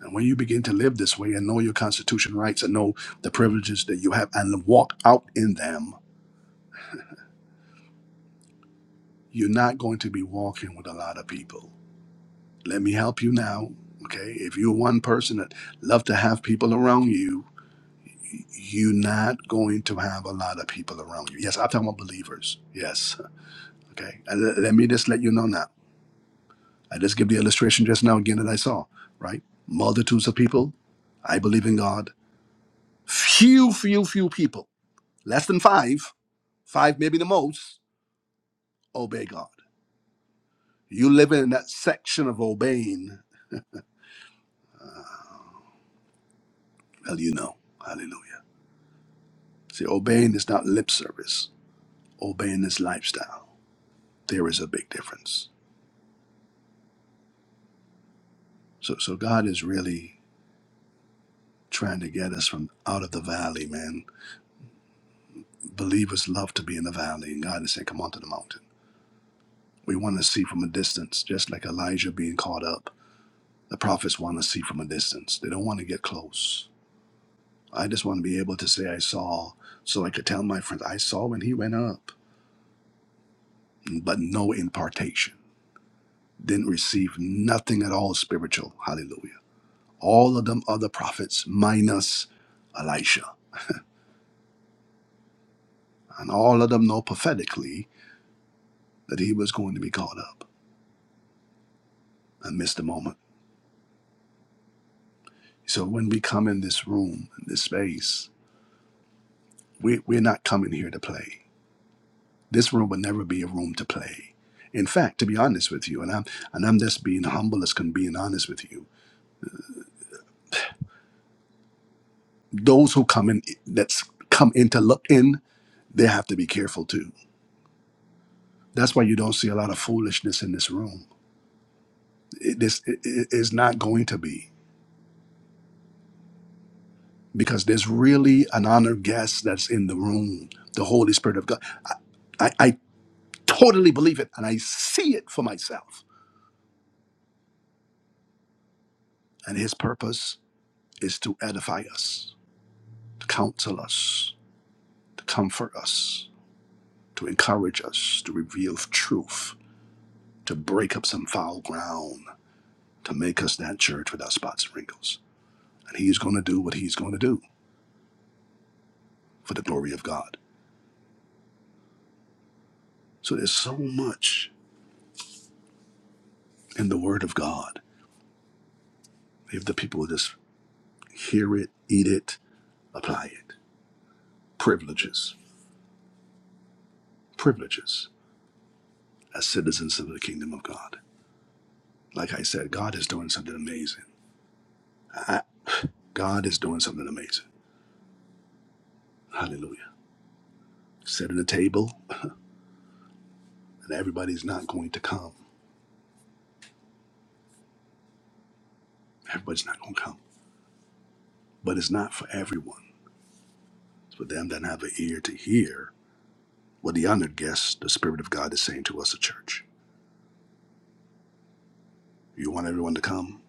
Speaker 1: And when you begin to live this way and know your constitution rights and know the privileges that you have and walk out in them, you're not going to be walking with a lot of people. Let me help you now. Okay. If you're one person that love to have people around you, you're not going to have a lot of people around you. Yes, I'm talking about believers. Yes. Okay. And le- let me just let you know now. I just give the illustration just now again that I saw, right? Multitudes of people. I believe in God. Few, few, few people, less than five, five maybe the most, obey God. You live in that section of obeying, well, you know. Hallelujah. See, obeying is not lip service. Obeying is lifestyle. There is a big difference. So, so God is really trying to get us from out of the valley, man. Believers love to be in the valley, and God is saying, "Come onto the mountain." We want to see from a distance, just like Elijah being caught up. The prophets want to see from a distance. They don't want to get close. I just want to be able to say, "I saw," so I could tell my friends, "I saw when he went up," but no impartation. Didn't receive nothing at all spiritual. Hallelujah. all of them other prophets minus Elisha. And all of them know prophetically that he was going to be caught up and miss the moment. So when we come in this room, in this space, we, we're not coming here to play. This room will never be a room to play. In fact, to be honest with you, and I'm and I'm just being humble as can be and honest with you, those who come in that's come in to look in, they have to be careful too. That's why you don't see a lot of foolishness in this room. It, this it, it is not going to be. because there's really an honored guest that's in the room, the Holy Spirit of God. I, I, I totally believe it and I see it for myself. And his purpose is to edify us, to counsel us, to comfort us, to encourage us, to reveal truth, to break up some foul ground, to make us that church without spots and wrinkles. And he's going to do what he's going to do for the glory of God. So there's so much in the Word of God. If the people would just hear it, eat it, apply it. Privileges, privileges as citizens of the kingdom of God. Like I said, God is doing something amazing. I- God is doing something amazing. Hallelujah. Setting a table, and everybody's not going to come. Everybody's not going to come. But it's not for everyone. It's for them that have an ear to hear what the honored guests, the Spirit of God, is saying to us, the church. You want everyone to come,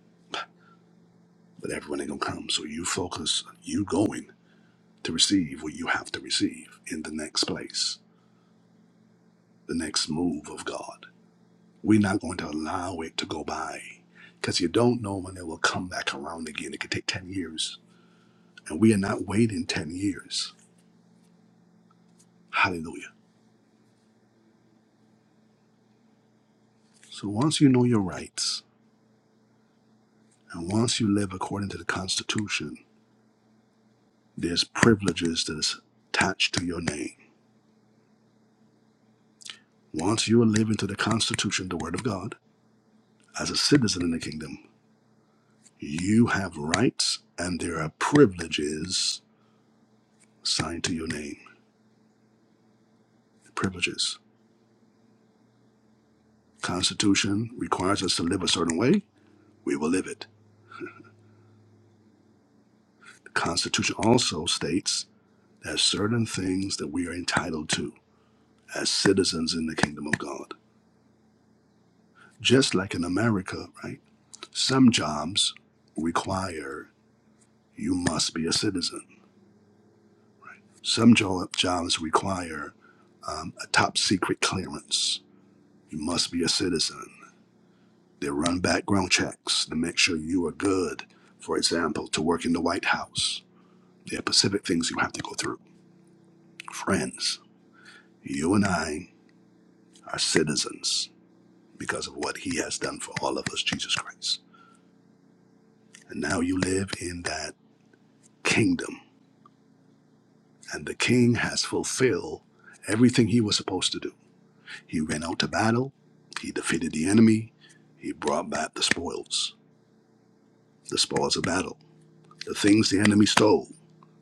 Speaker 1: but everyone ain't going to come. So you focus on you going to receive what you have to receive in the next place, the next move of God. We're not going to allow it to go by because you don't know when it will come back around again. It could take 10 years, and we are not waiting 10 years. Hallelujah. So once you know your rights and once you live according to the Constitution, there's privileges that is attached to your name. Once you are living to the Constitution, the Word of God, as a citizen in the kingdom, you have rights and there are privileges signed to your name, privileges. Constitution requires us to live a certain way. We will live it. The Constitution also states that certain things that we are entitled to as citizens in the kingdom of God. Just like in America, right? Some jobs require you must be a citizen. Some jo- jobs require um, a top secret clearance. You must be a citizen. They run background checks to make sure you are good, for example, to work in the White House There are specific things you have to go through. Friends, you and I are citizens because of what he has done for all of us, Jesus Christ. And now you live in that kingdom. And the king has fulfilled everything he was supposed to do. He went out to battle, he defeated the enemy, he brought back the spoils, the spoils of battle, the things the enemy stole.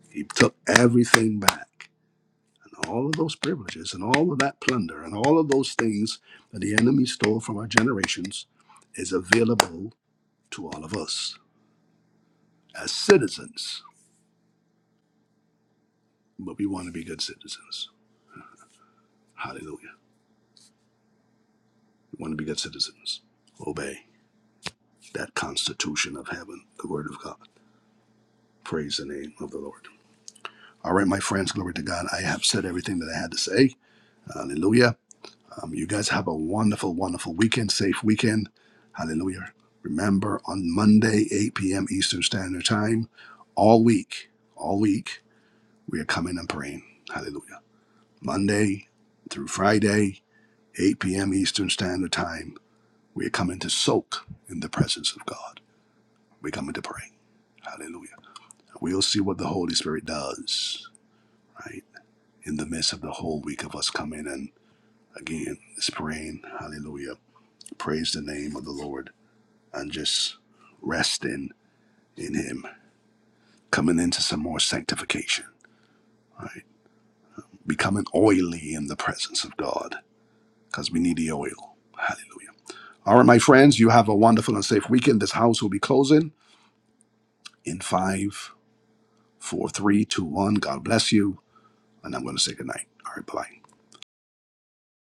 Speaker 1: He took everything back. and all of those privileges and all of that plunder and all of those things that the enemy stole from our generations is available to all of us as citizens. But we want to be good citizens. Hallelujah. We want to be good citizens. Obey that constitution of heaven, the word of God. Praise the name of the Lord. All right, my friends, glory to God. I have said everything that I had to say. Hallelujah. Um, you guys have a wonderful, wonderful weekend, safe weekend. Hallelujah. Remember, on Monday, 8 p.m. Eastern Standard Time, all week, all week, we are coming and praying. Hallelujah. Monday through Friday, 8 p.m. Eastern Standard Time, we are coming to soak in the presence of God. We're coming to pray. Hallelujah. We'll see what the Holy Spirit does, right? In the midst of the whole week of us coming and again, it's praying. Hallelujah. Praise the name of the Lord. and just resting in Him, coming into some more sanctification, right? Becoming oily in the presence of God because we need the oil. Hallelujah. All right, my friends, you have a wonderful and safe weekend. This house will be closing in five, four, three, two, one. God bless you. And I'm going to say goodnight. All right, bye.